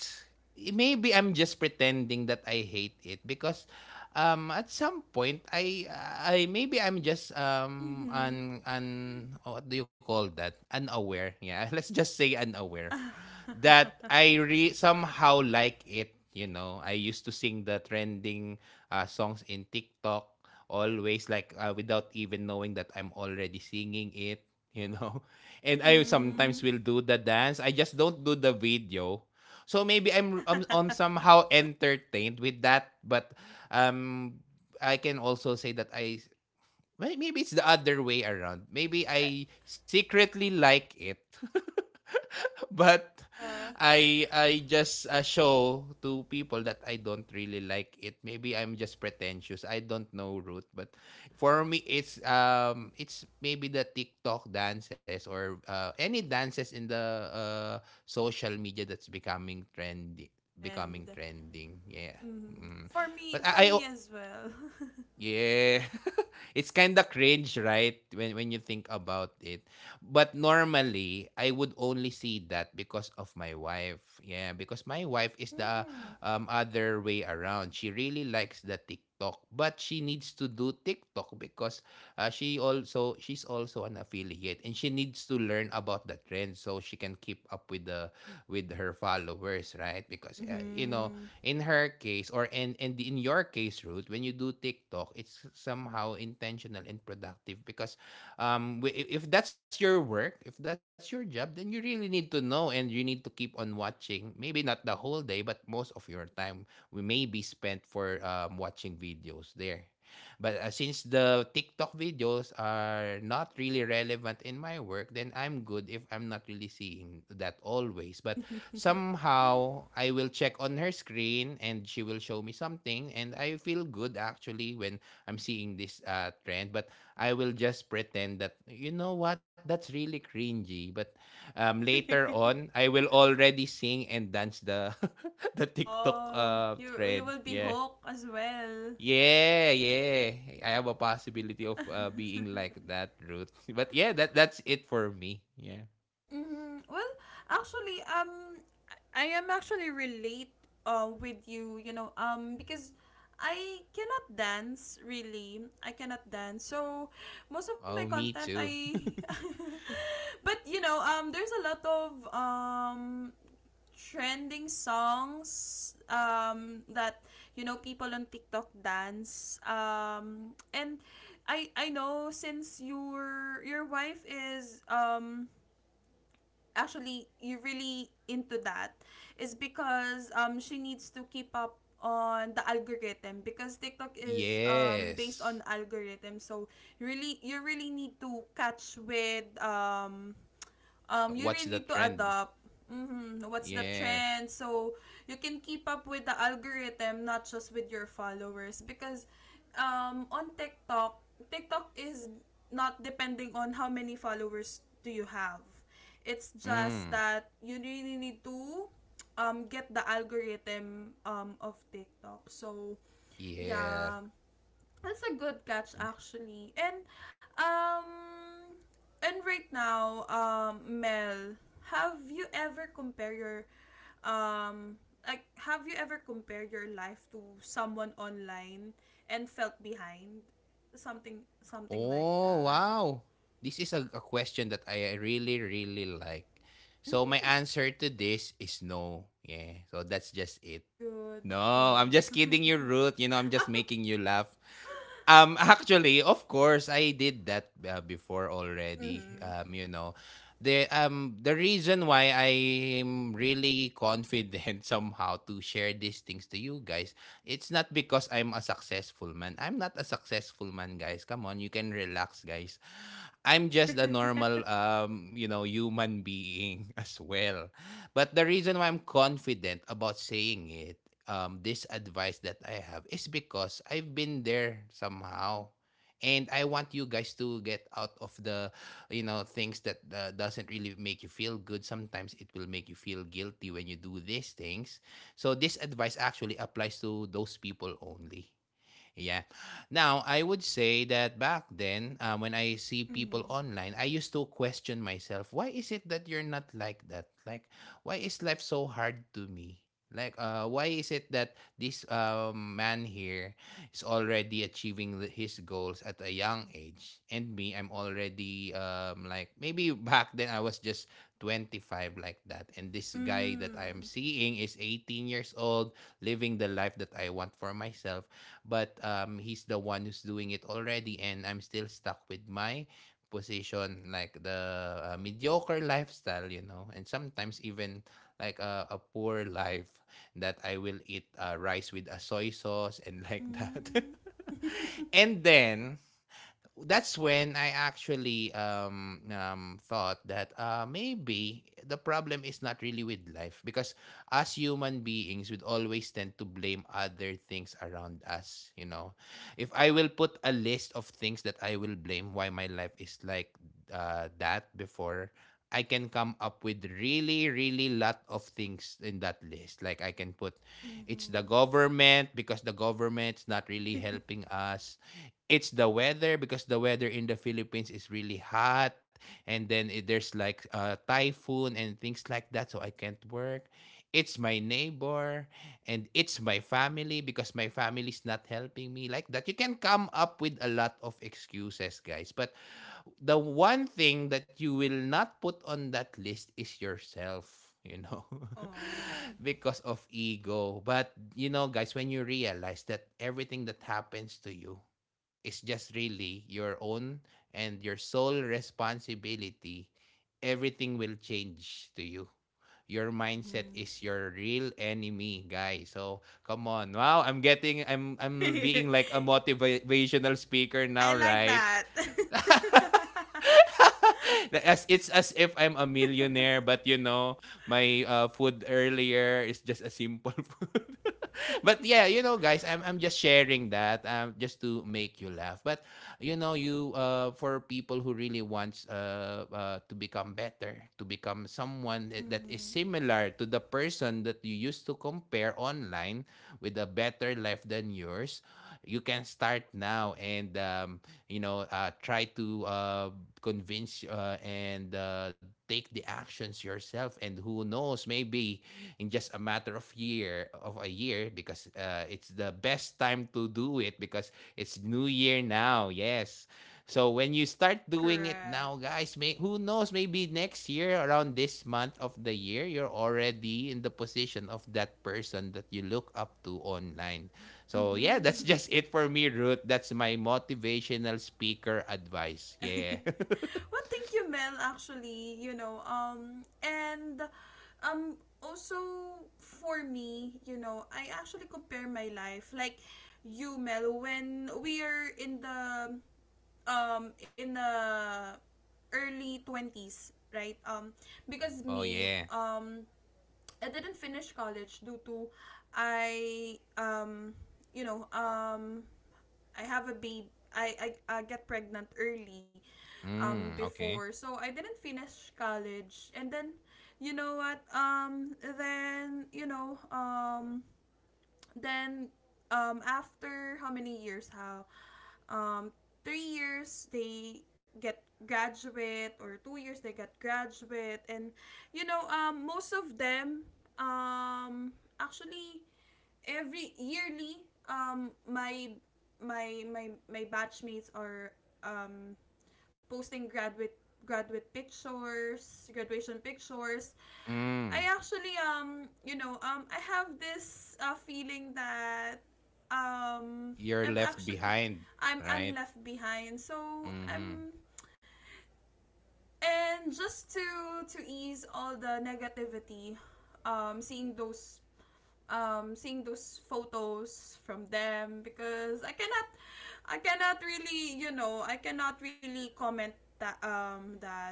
S2: maybe I'm just pretending that I hate it because um at some point I uh, I maybe I'm just um
S1: Mm-hmm.
S2: un un oh, what do you call that, unaware, yeah. <laughs> Let's just say unaware that I re- somehow like it, you know. I used to sing the trending uh, songs in TikTok always, like uh, without even knowing that I'm already singing it, you know. <laughs>
S1: <laughs>
S2: And I
S1: Mm-hmm.
S2: sometimes will do the dance. I just don't do the video. So maybe I'm I'm, I'm
S1: <laughs>
S2: somehow entertained with that, but um I can also say that I may- maybe it's the other way around. Maybe I secretly like it. <laughs> But
S1: Yeah.
S2: I I just uh, show to people that I don't really like it. Maybe I'm just pretentious. I don't know, root, but for me it's um it's maybe the TikTok dances or uh, any dances in the uh, social media that's becoming trendy,
S1: Trend.
S2: becoming trending. Yeah.
S1: Mm-hmm.
S2: Mm.
S1: For me,
S2: But
S1: for
S2: I, I
S1: me as well. <laughs>
S2: yeah. <laughs> It's kind of cringe, right? When when you think about it. But normally, I would only see that because of my wife. Yeah, because my wife is the
S1: Mm.
S2: um, other way around. She really likes the TikTok, but she needs to do TikTok because uh, she also she's also an affiliate and she needs to learn about the trend so she can keep up with the with her followers, right? Because uh, you know,
S1: Hmm.
S2: in her case or in in, the, in your case, Ruth, when you do TikTok it's somehow intentional and productive because um wi- i- if that's your work, if that's your job, then you really need to know and you need to keep on watching, maybe not the whole day but most of your time we may be spent for um, watching videos there. But uh, since the TikTok videos are not really relevant in my work, then I'm good if I'm not really seeing that always. But
S1: <laughs>
S2: somehow I will check on her screen and she will show me something and I feel good actually when I'm seeing this uh, trend. But I will just pretend that, you know what, that's really cringy. But um, later on I will already sing and dance the <laughs> the TikTok
S1: Oh,
S2: uh,
S1: you
S2: trend.
S1: you will be
S2: Yeah.
S1: hooked as well.
S2: Yeah, yeah. I have a possibility of uh, being like that, Ruth. <laughs> But yeah, that that's it for me. Yeah.
S1: Mm-hmm. Well, actually, um, I am actually relate, uh, with you, you know, um, because I cannot dance really. I cannot dance. So most of my
S2: Oh, me
S1: content
S2: too.
S1: I <laughs> but, you know, um there's a lot of, um trending songs, um that, you know people on TikTok dance, um and I I know, since your your wife is, um actually, you really into that, is because, um she needs to keep up on the algorithm, because TikTok is, um based
S2: Yes.
S1: on algorithm. So you really you really need to catch with, um
S2: Yeah,
S1: um, you
S2: what's
S1: really
S2: the
S1: need to
S2: trend?
S1: adopt, mhm, what's the
S2: Yeah.
S1: trend, so you can keep up with the algorithm, not just with your followers. Because, um, on TikTok TikTok is not depending on how many followers do you have. It's just
S2: Mm.
S1: that you really need to, um, get the algorithm, um, of TikTok. So
S2: Yeah.
S1: yeah. That's a good catch
S2: Yeah.
S1: actually. And um and right now, um Mel, have you ever compare your um like have you ever compared your life to someone online and felt behind? Something something like
S2: Oh,
S1: that.
S2: wow. This is a, a question that I really, really like. So my answer to this is no. Yeah. So that's just it.
S1: That's good. Well,
S2: No, I'm just kidding you, Ruth. You know, I'm just making you laugh. Um, <laughs> actually, of course, I did that uh, before
S1: <laughs> mhm.
S2: already.
S1: Mhm.
S2: Um, you know, the um the reason why I'm really confident <laughs> somehow to share these things to you guys, it's not because I'm a successful man. I'm not a successful man, guys. Come on, you can relax, guys. I'm just a normal um, you know, human being <laughs> as well. But the reason why I'm confident about saying it, um, this advice that I have is because I've been there somehow. And I want you guys to get out of the, you know, things that uh, doesn't really make you feel good. Sometimes it will make you feel guilty when you do these things. So this advice actually applies to those people only. Yeah. Now, I would say that back then, uh, when I see people
S1: <laughs>
S2: online, I used to question myself, why is it that you're not like that? Like, why is life so hard to me? Like, uh, why is it that this uh, man here is already achieving the- his goals at a young age? And me, I'm already, um, like, maybe <laughs> back then I was just twenty five like that. And this guy that I'm
S1: Mm.
S2: seeing is eighteen years old, living the life that I want for myself, but um, he's the one who's doing it already and I'm still stuck with my position, like the uh, mediocre lifestyle, you know, and sometimes even like a, a poor life, that I will eat uh, rice with a soy sauce and like that.
S1: Mm.
S2: <laughs>
S1: <laughs>
S2: And then that's when I actually um, um, thought that uh, maybe the problem is not really with life, because as human beings, we always tend to blame other things around us. You know, if I will put a list of things that I will blame why my life is like uh, that before. I can come up with really, really lot of things in that list. Like I can put, it's the
S1: Mhm.
S2: government because the government's not really helping us. It's the weather because the weather in the Philippines is really hot, and then it, there's like a typhoon and things like that so I can't work. It's my neighbor, and it's my family because my family's not helping me like that. You can come up with a lot of excuses, guys. But the one thing that you will not put on that list is yourself, you know, <laughs>
S1: <laughs> Oh.
S2: because of ego. But, you know, guys, when you realize that everything that happens to you is just really your own and your sole responsibility, everything will change to you. Your mindset
S1: Mhm.
S2: is your real enemy, guys. So come on. Wow, I'm getting I'm I'm being
S1: <laughs>
S2: like a motivational speaker now,
S1: I like
S2: right?
S1: that. <laughs>
S2: <laughs> as it's as if I'm a millionaire, but you know, my uh, food earlier is just a simple <laughs> food. <laughs> But yeah, you know, guys, I'm I'm just sharing that um just to make you laugh. But you know, you uh for people who really wants uh, uh to become better, to become someone that that is
S1: Mm-hmm.
S2: similar to the person that you used to compare online with a better life than yours, you can start now, and um you know, uh, try to uh, convince uh, and uh, take the actions yourself. And who knows, maybe in just a matter of year of a year, because uh, it's the best time to do it because it's New Year now. Yes. So when you start doing it
S1: Correct.
S2: now, guys, may who knows, maybe next year around this month of the year, you're already in the position of that person that you look up to online. So yeah, that's <laughs>
S1: Mm-hmm.
S2: just it for me, Ruth. That's my motivational speaker advice.
S1: <laughs>
S2: Yeah. <laughs>
S1: Well, thank you, Mel. Actually, you know, um, and um, also, for me, you know, I actually compare my life like you, Mel, when we are in the, um in the early twenties, right? Um, because
S2: Oh
S1: me,
S2: yeah.
S1: um, I didn't finish college due to, I, um you know um I have a baby. I, I, I get pregnant early, um
S2: Mm,
S1: before,
S2: okay.
S1: so I didn't finish college. And then you know what um then you know um then um, after how many years? How um, three years they get graduate, or two years they get graduate. And, you know um, most of them, um, actually every yearly, um, my my my my batchmates are, um, posting graduate graduate pictures, graduation pictures. I
S2: Mm.
S1: actually, um you know um I have this, uh, feeling that, um
S2: You're
S1: I'm
S2: left
S1: actually
S2: behind,
S1: I'm I'm
S2: right?
S1: left behind. So,
S2: Mm-hmm.
S1: I'm and just to to ease all the negativity, um seeing those, um seeing those photos from them, because I cannot I cannot really you know I cannot really comment that, um that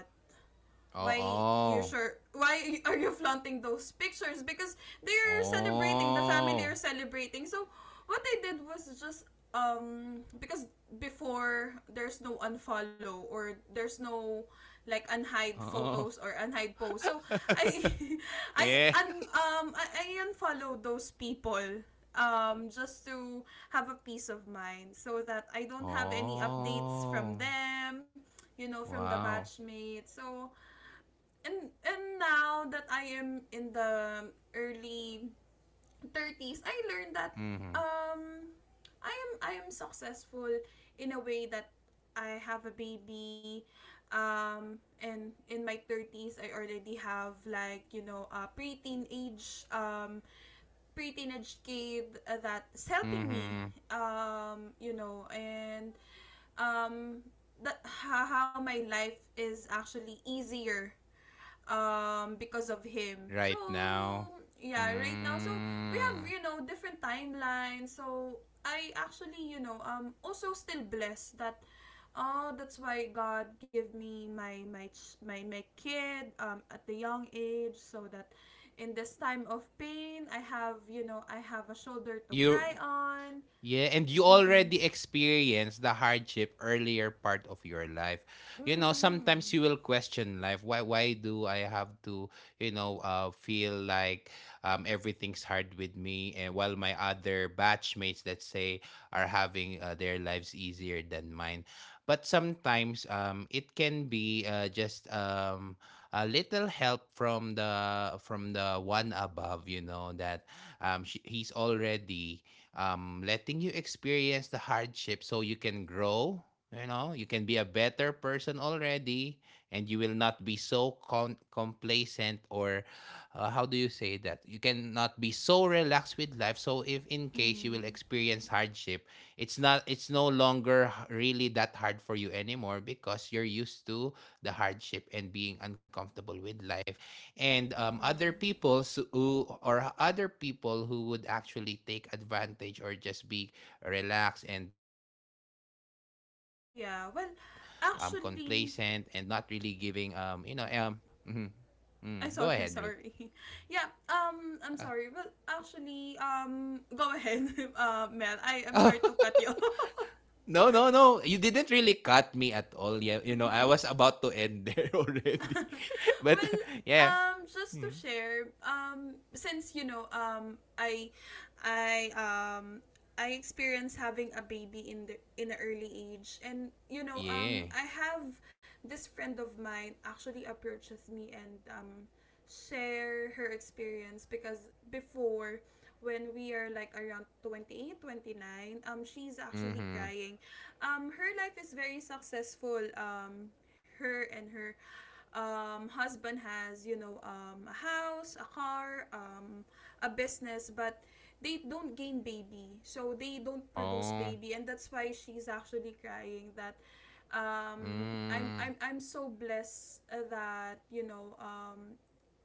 S1: why you
S2: Oh,
S1: sure why are you flaunting those pictures, because they're celebrating, the family are
S2: oh. Oh.
S1: celebrating. So what I did was just, um because before, there's no unfollow, or there's no like unhide photos
S2: Oh.
S1: or unhide posts. So I
S2: <laughs>
S1: <laughs> i
S2: Yeah.
S1: un, um I, I unfollow those people, um just to have a peace of mind, so that I
S2: <laughs>
S1: don't have any updates from
S2: Oh.
S1: them, you know from the
S2: Wow.
S1: batchmates. So and and now that I am in the early thirties, I learned that,
S2: Mhm.
S1: um I am I am successful, in a way that I have a baby, um and in my thirties I already have like, you know a preteen age, um pre-teenage kid, uh, that's helping me,
S2: Mhm.
S1: um you know and, um that how, how my life is actually easier, um because of him. So
S2: Right now.
S1: yeah, right now. So we have,
S2: Mm.
S1: you know different timelines. So I actually, you know um also still blessed that, oh, that's why god give me my my ch- my my kid, um at the young age, so that in this time of pain, i have you know i have a shoulder to cry
S2: You.
S1: on.
S2: Yeah, and you
S1: Mhm.
S2: already experienced the hardship earlier part of your life. You know,
S1: Mhm.
S2: sometimes you will question life. Why why do I have to, you know, uh, feel like um, everything's hard with me and while my other batchmates, let's say, are having uh, their lives easier than mine. But sometimes um, it can be uh, just um, a little help from the from the one above, you know, that um, she, he's already um, letting you experience the hardship so you can grow. You know, you can be a better person already, and you will not be so con- complacent or uh, how do you say that? You cannot be so relaxed with life. So if in case you will
S1: Mhm.
S2: experience hardship, it's not it's no longer h- really that hard for you anymore because you're used to the hardship and being uncomfortable with life and um, other
S1: Mhm.
S2: people so, who or other people who would actually take advantage or just be relaxed and um, complacent and not really
S1: Yeah. Well,
S2: giving um you know
S1: actually,
S2: um Mhm. Mm, go ahead, Ruth.
S1: I'm sorry, sorry. <laughs> Yeah, um, I'm
S2: Ah.
S1: sorry. But actually, um, go ahead, <laughs> uh, Mel.
S2: <laughs>
S1: I, I'm
S2: Oh,
S1: sorry to cut you. <laughs>
S2: no, no, no, you didn't really cut me at all. Yeah, you know, I
S1: Mhm.
S2: was about to end there <laughs>
S1: <laughs>
S2: already. <laughs> But
S1: Well,
S2: <laughs> yeah.
S1: um, just to
S2: Mm.
S1: share, um, since, you know, um, I, I, um, I experienced having a baby in the in an early age. And, you know, um,
S2: Yeah.
S1: I have this friend of mine actually approaches me and, um, share her experience, because before when we are like around twenty eight, twenty nine, um she's actually
S2: Mm-hmm.
S1: crying, um her life is very successful, um her, and her, um, husband has, you know um, a house, a car, um, a business. But they don't gain baby, so they don't produce
S2: Oh.
S1: baby. And that's why she's actually crying that, um, I'm, I'm
S2: Mm.
S1: i'm so blessed, uh, that, you know um,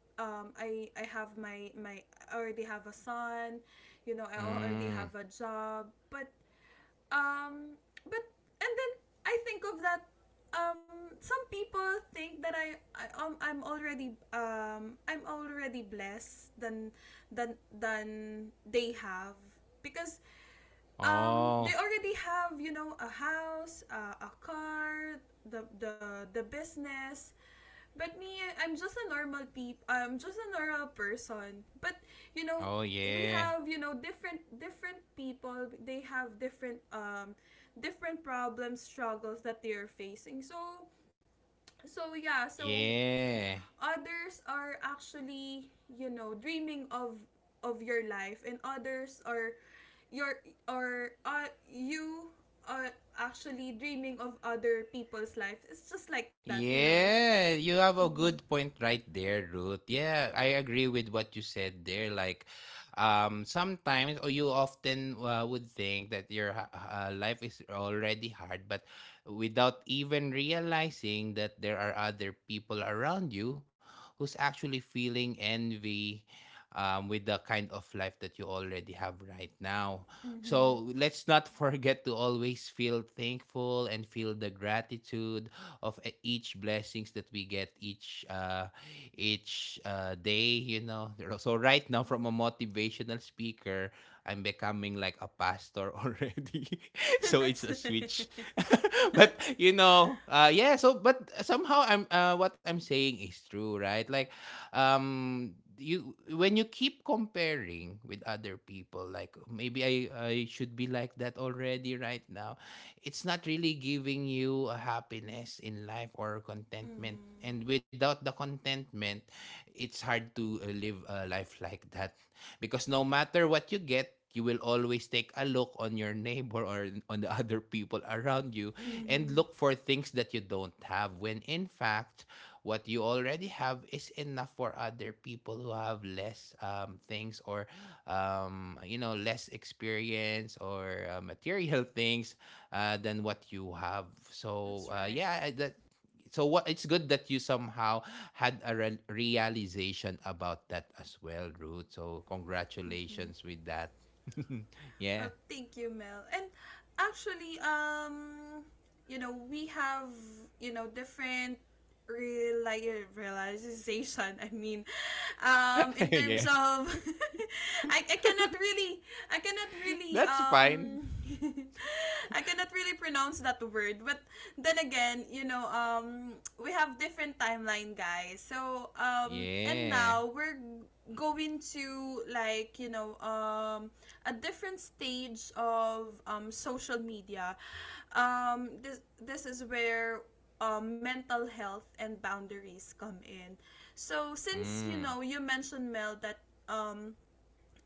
S1: um, i i have my my I already have a son, you know I already
S2: Mm.
S1: have a job. But, um but and then I think of that, um some people think that, i, I um, i'm already um i'm already blessed, than than than they have, because, um they
S2: Oh.
S1: already have, you know a house, uh, a car, the the the business. But me i'm just a normal peep I'm just a normal person. But, you know
S2: Oh
S1: we
S2: yeah.
S1: have, you know different different people, they have different, um different problems, struggles that they are facing. So so yeah, so
S2: Yeah.
S1: others are actually, you know, dreaming of of your life, and others are, your or uh, you are actually dreaming of other people's life. It's just like that, you know.
S2: Yeah, you have a good point right there, Ruth. Yeah, I agree with what you said there. Like, um, sometimes or you often uh, would think that your ha- uh, life is already hard, but without even realizing that there are other people around you who's actually feeling envy um, with the kind of life that you already have right now. So
S1: Mhm.
S2: let's not <laughs> forget to always feel thankful and feel the gratitude of e- each blessings that we get each uh, each uh, day. You know, so right now from a motivational speaker, I'm becoming like a pastor already. <laughs> So
S1: <laughs>
S2: it's a
S1: That's
S2: switch,
S1: right.
S2: <laughs> but you know, uh, yeah. So but somehow I'm uh, what I'm saying is true, right? Like, um. you when you keep comparing with other people, like maybe I I should be like that already right now. It's not really giving you a happiness in life or contentment, and
S1: Mhm.
S2: without the contentment it's hard to uh, live a life like that because no matter what you get, you will always take a look on your neighbor or on the <laughs> other people around you and look
S1: Mhm.
S2: for things that you don't have when in fact what you already have is enough for other people who have less um, things or um, you know, less experience or uh, material <laughs> things uh, than what you have. so uh,
S1: That's right.
S2: yeah that so what it's good that you somehow had a re- realization about that as well, Ruth, so
S1: Mhm.
S2: congratulations with that. <laughs> Yeah.
S1: Well, thank you, Mel. And actually, um you know we have, you know different reali- realization, I mean, um
S2: <laughs>
S1: in
S2: Yeah.
S1: terms of <laughs> I, I cannot really I cannot really
S2: That's
S1: um
S2: fine.
S1: <laughs> I cannot really pronounce that word. But then again, you know um we have different timeline, guys. So, um and
S2: Yeah.
S1: now we're go into like, you know um, a different stage of, um, social media. um, this this is where, uh, mental health and boundaries come in. So since, you
S2: Mm.
S1: know you mentioned, Mel, that, um,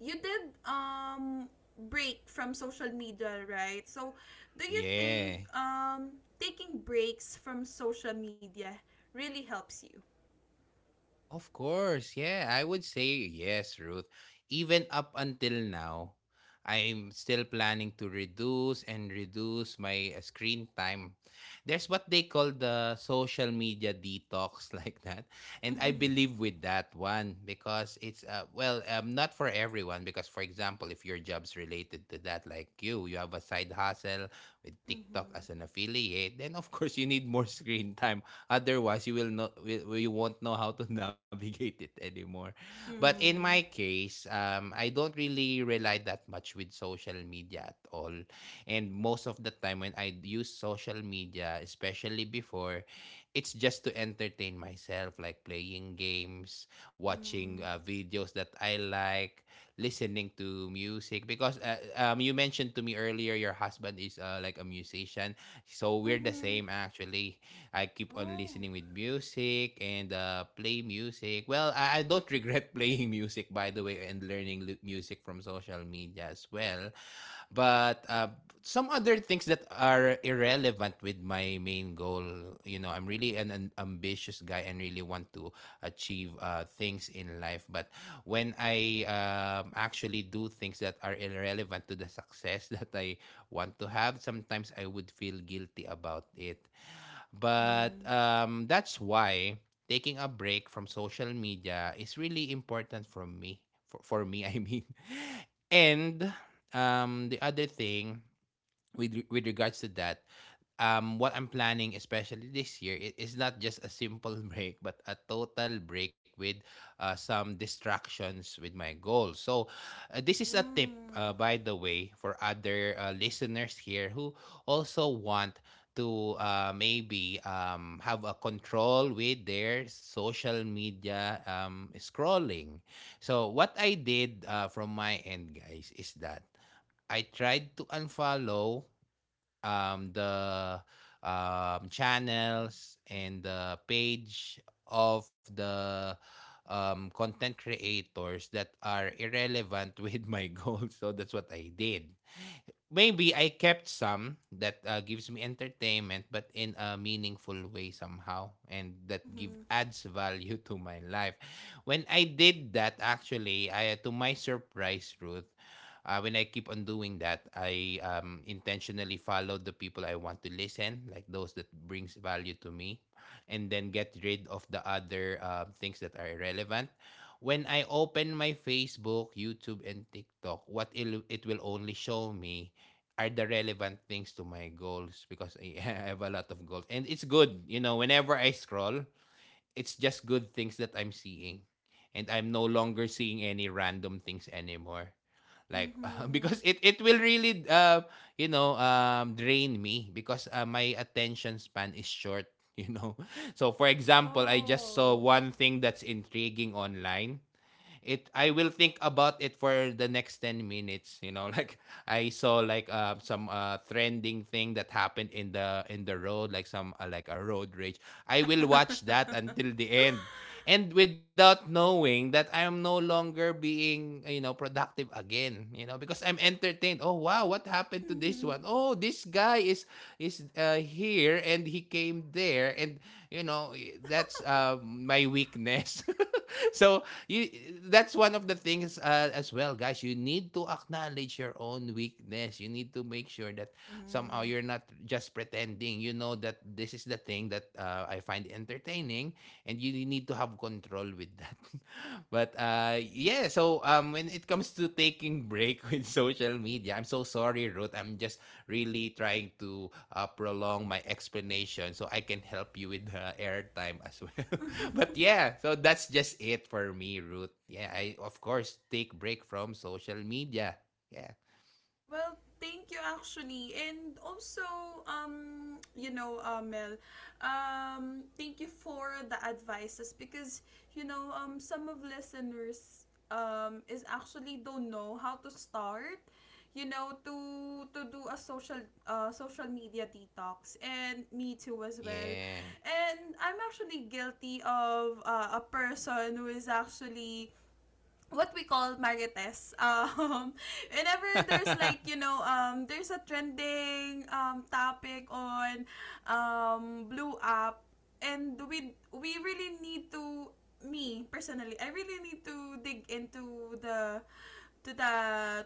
S1: you did, um, break from social media, right? So do you think,
S2: Yeah.
S1: um, taking breaks from social media really helps you?
S2: Of course, yeah. I would say yes, Ruth. Even up until now, I'm still planning to reduce and reduce my uh, screen time. There's what they call the social media detox, <laughs> like that.
S1: <laughs>
S2: And I
S1: Mm-hmm.
S2: believe with that one because it's, uh, well, um, not for everyone. Because, for example, if your job's related to that, like you, you have a side hustle with TikTok
S1: Mm-hmm.
S2: as an affiliate, then of course you need more <laughs> screen time. Otherwise, you will not will- you won't know how to <laughs> navigate it anymore. But in
S1: Mm-hmm.
S2: my case, um, I don't really rely that much with social media at all. And most of the time when I use social media, especially before, it's just to entertain myself, like playing games, watching
S1: Mm.
S2: uh, videos that I like, listening to music. Because uh, um, you mentioned to me earlier, your husband is uh, like a musician, so we're the
S1: Mhm.
S2: same actually. I keep on
S1: Oh.
S2: listening with music and uh, play music. Well, I, I don't regret <laughs> playing music, by the way, and learning lu- music from social media as well. But uh, some other things that are irrelevant with my main goal, you know, I'm really an, an ambitious guy and really want to achieve uh, things in life. But when I um, actually do things that are irrelevant to the success <laughs> that I want to have, sometimes I would feel guilty about it. But
S1: Mhm.
S2: um, that's why taking a break from social media is really important for me. For, for me, <laughs> I mean. And um, the other thing with re- with regards to that, um what I'm planning, especially this year, i- is not just a simple <laughs> break but a total break with uh, some distractions with my goals. So uh, this is a tip,
S1: Mhm.
S2: uh, by the way, for other uh, listeners here who also want to uh, maybe um, have a control with their social media um, scrolling. So what I did, uh, from my end, guys, is that I tried to unfollow um, the um, channels and the page of the um, content creators that are irrelevant with my <laughs> goals. So that's what I did. Maybe I kept some that uh, gives me entertainment, but in a meaningful way somehow, and that give
S1: Mhm.
S2: adds value to my life. When I did that, actually, I uh, to my surprise, Ruth, uh, when I keep on doing that, I um, intentionally follow the people I want to listen, like those that brings value to me, and then get rid of the other uh, things that are irrelevant. When I open my Facebook, YouTube, and TikTok, what it it will only show me are the relevant things to my goals because I <laughs> have a lot of goals. And it's good, you know, whenever I scroll, it's just good things that I'm seeing. And I'm no longer seeing any random things anymore. Like <laughs> because
S1: Mhm.
S2: it it will really uh you know um drain me because uh, my attention span is short, you know. <laughs> So for example, I just saw
S1: Oh.
S2: one thing that's intriguing online it I will think about it for the next ten minutes, you know. <laughs> Like I saw like uh, some uh, trending thing that happened in the in the road, like some uh, like a road rage. I will watch that
S1: <laughs>
S2: until the end. And without knowing that I am no longer being, you know, productive again, you know, because I'm entertained. Oh wow, what happened to this
S1: Mhm.
S2: one? Oh, this guy is is uh, here and he came there and you know, that's uh, my weakness. <laughs> <laughs> so you that's one of the things, uh, as well, guys, you need to acknowledge your own weakness. You need to make sure that somehow
S1: Mhm.
S2: you're not just pretending, you know, that this is the thing that uh, I find entertaining, and you need to have control with that. <laughs> But uh yeah, so um when it comes to taking break <laughs> with social media, I'm so sorry, Ruth, I'm just really trying to uh, prolong my explanation so I can help you with the airtime as well. <laughs> But yeah, so that's just it for me, Ruth. Yeah, I of course take break from social media. Yeah.
S1: Well, thank you actually. And also, um, you know, uh, Mel, um, thank you for the advices. Because, you know, um, some of listeners, um, is actually don't know how to start, you know, to to do a social, uh, social media detox, and me too as well.
S2: Yeah.
S1: And I'm actually guilty of, uh, a person who is actually what we call marites. Um, <laughs> whenever there's like,
S2: <laughs>
S1: you know, um, there's a trending, um, topic on, um, Blue App, and we, we really need to, me personally, I really need to dig into the, to the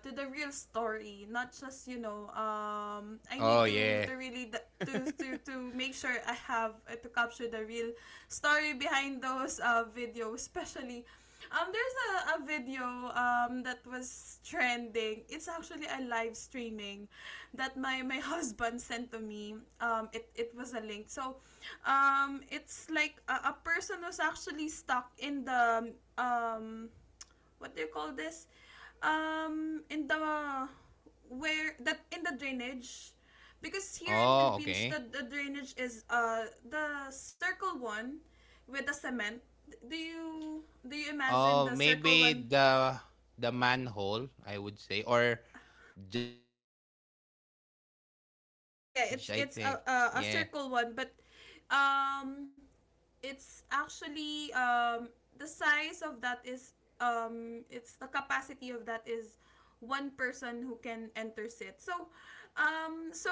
S1: to the real story. Not just, you know um I need
S2: Oh
S1: to
S2: yeah.
S1: to really d- to to, to make sure I have, uh, to capture the real story behind those, uh, videos. <laughs> Especially, um there's a, a video, um that was trending. It's actually a live streaming that my my <laughs> husband sent to me, um it it was a link. So, um it's like a, a person who's actually stuck, in the um what do you call this, um in the where that in the drainage. Because here in
S2: Oh,
S1: Philippines,
S2: okay.
S1: the, the drainage is, uh the circle one, with the cement. Do you do you imagine
S2: Oh,
S1: the circle one?
S2: maybe the the manhole, I would say, or the the sewage. It's the
S1: The
S2: sewage, I
S1: sewage, like, yeah,
S2: think.
S1: it's it's a,
S2: Yeah.
S1: a, a circle one. But, um it's actually, um, the size of that is um, it's the capacity of that is one person who can enter it. So, um, so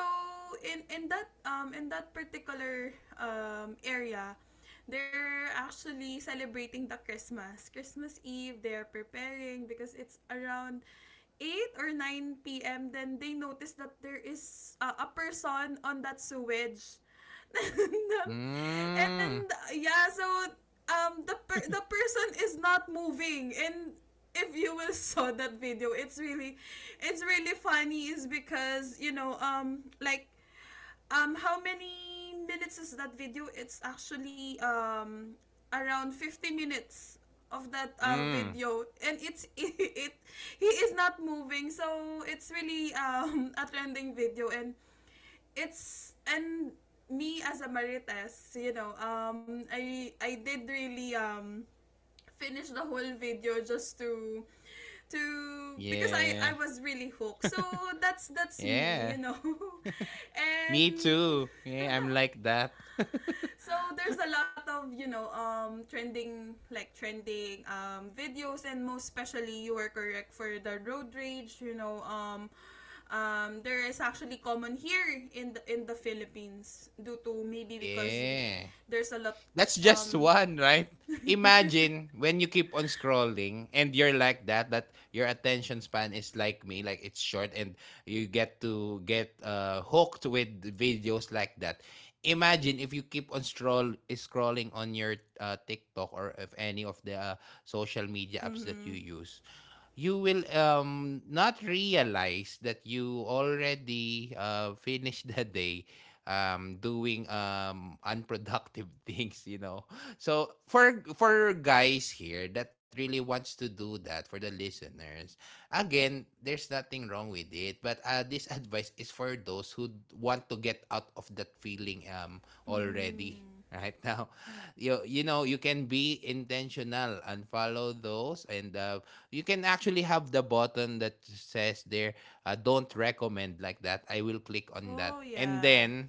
S1: in in that, um, in that particular, um, area, they're actually celebrating the Christmas. Christmas Eve, they're preparing, because it's around eight or nine p m. Then they notice that there is, uh, a person on that sewage. <laughs>
S2: Mm.
S1: And yeah, so, um the per- the person is not moving. And if you will <laughs> saw that video, it's really, it's really funny, is because, you know um like, um how many minutes is that video? It's actually, um around fifty minutes of that, uh,
S2: Mm.
S1: video. And it's <laughs> it, it he is not moving. So it's really, um <laughs> a trending video. And it's and me, as a marites, you know, um, I I did really, um finish the whole video, just to to because I I
S2: Yeah.
S1: was really hooked. So that's that's me,
S2: Yeah.
S1: you know. <laughs>
S2: Me
S1: And
S2: too. Yeah,
S1: <laughs>
S2: I'm like that. <laughs>
S1: so there's a lot of, you know um trending like trending, um videos. And most especially, you were correct for the road rage, you know um um, there is actually common here in the in the Philippines, due to maybe because we,
S2: Yeah.
S1: there's a lot,
S2: That's
S1: um
S2: just <laughs> one, right? Imagine when you keep on scrolling and you're like that, that your attention span is like me, like it's short, and you get to get uh, hooked with videos like that. Imagine if you keep on scroll scrolling on your uh, TikTok or if any of the uh, social media apps that you
S1: mhm.
S2: use, you will um not realize that you already uh, <laughs> finished the day um, doing um, unproductive <laughs> things, you know. So for for guys here that really wants to do that, for the listeners, again, there's nothing wrong with it. But uh, this <laughs> advice is for those who want to get out of that feeling um already
S1: Mhm.
S2: right now. <laughs> You you know, you can be intentional and follow those, and uh, you can actually have the button that says there, uh, don't recommend, like that. I will click on that,
S1: Oh
S2: and
S1: yeah.
S2: then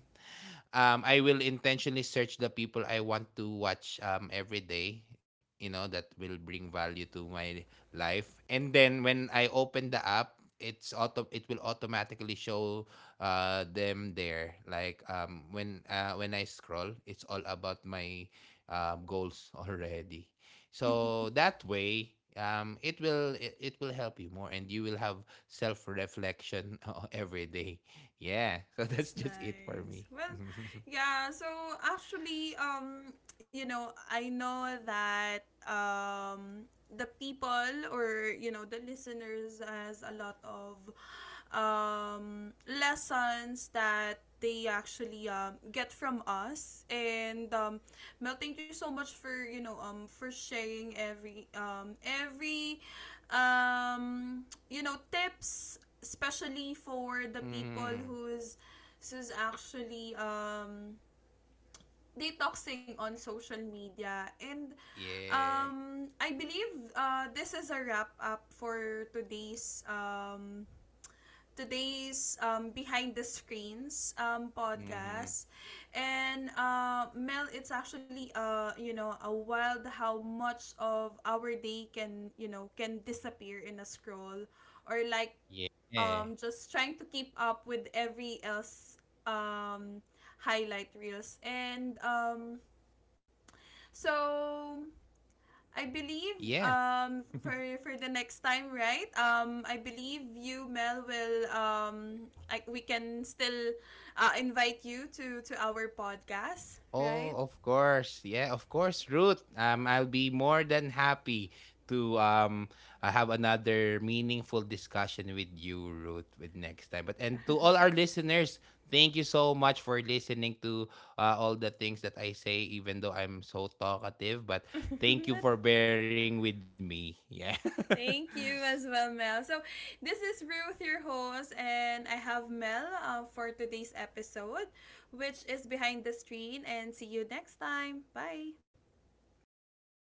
S2: um, I will intentionally search the people I want to watch um, every day, you know, that will bring value to my life. And then when I open the app, it's auto it will automatically show uh them there, like um when uh when I scroll, it's all about my uh, goals <laughs> already. So
S1: <laughs>
S2: that way um it will it, it will help you more, and you will have self reflection <laughs> every day. Yeah. <laughs> So that's
S1: That's
S2: just it for me.
S1: nice. Well,
S2: <laughs>
S1: yeah, so actually, um, you know, I know that, um, the people, or, you know, the listeners has a lot of, um, lessons that they actually, um, get from us. And, um, Mel, thank you so much for, you know, um, for sharing every, um, every, um, you know, tips, especially for the people
S2: Mm.
S1: who's this is actually, um, detoxing on social media. And,
S2: Yeah.
S1: um, I believe, uh, this is a wrap up for today's um, today's um, behind the screens, um,
S2: Mm-hmm.
S1: podcast. And, uh, Mel, it's actually, uh, you know a wild how much of our day can, you know can disappear in a scroll or, like,
S2: Yeah.
S1: um just trying to keep up with every else, um highlight reels. And, um so I believe,
S2: Yeah.
S1: um
S2: <laughs>
S1: for for the next time, right? um I believe you, Mel, will, um I, we can still, uh, invite you to to our podcast,
S2: Oh,
S1: right?
S2: of course. Yeah, of course, Ruth. Um, I'll be more than happy to um uh, have another meaningful discussion with you, Ruth, with next time. But and to all our listeners, thank you so much for listening to uh, all the things that I say, even though I'm so talkative. But thank you
S1: <laughs>
S2: for
S1: that's
S2: bearing with me. Yeah. <laughs>
S1: Thank you as well, Mel. So, this is Ruth, your host, and I have Mel, uh, for today's episode, which is Behind the Screen. And see you next time. Bye.
S2: Thank you, Ruth.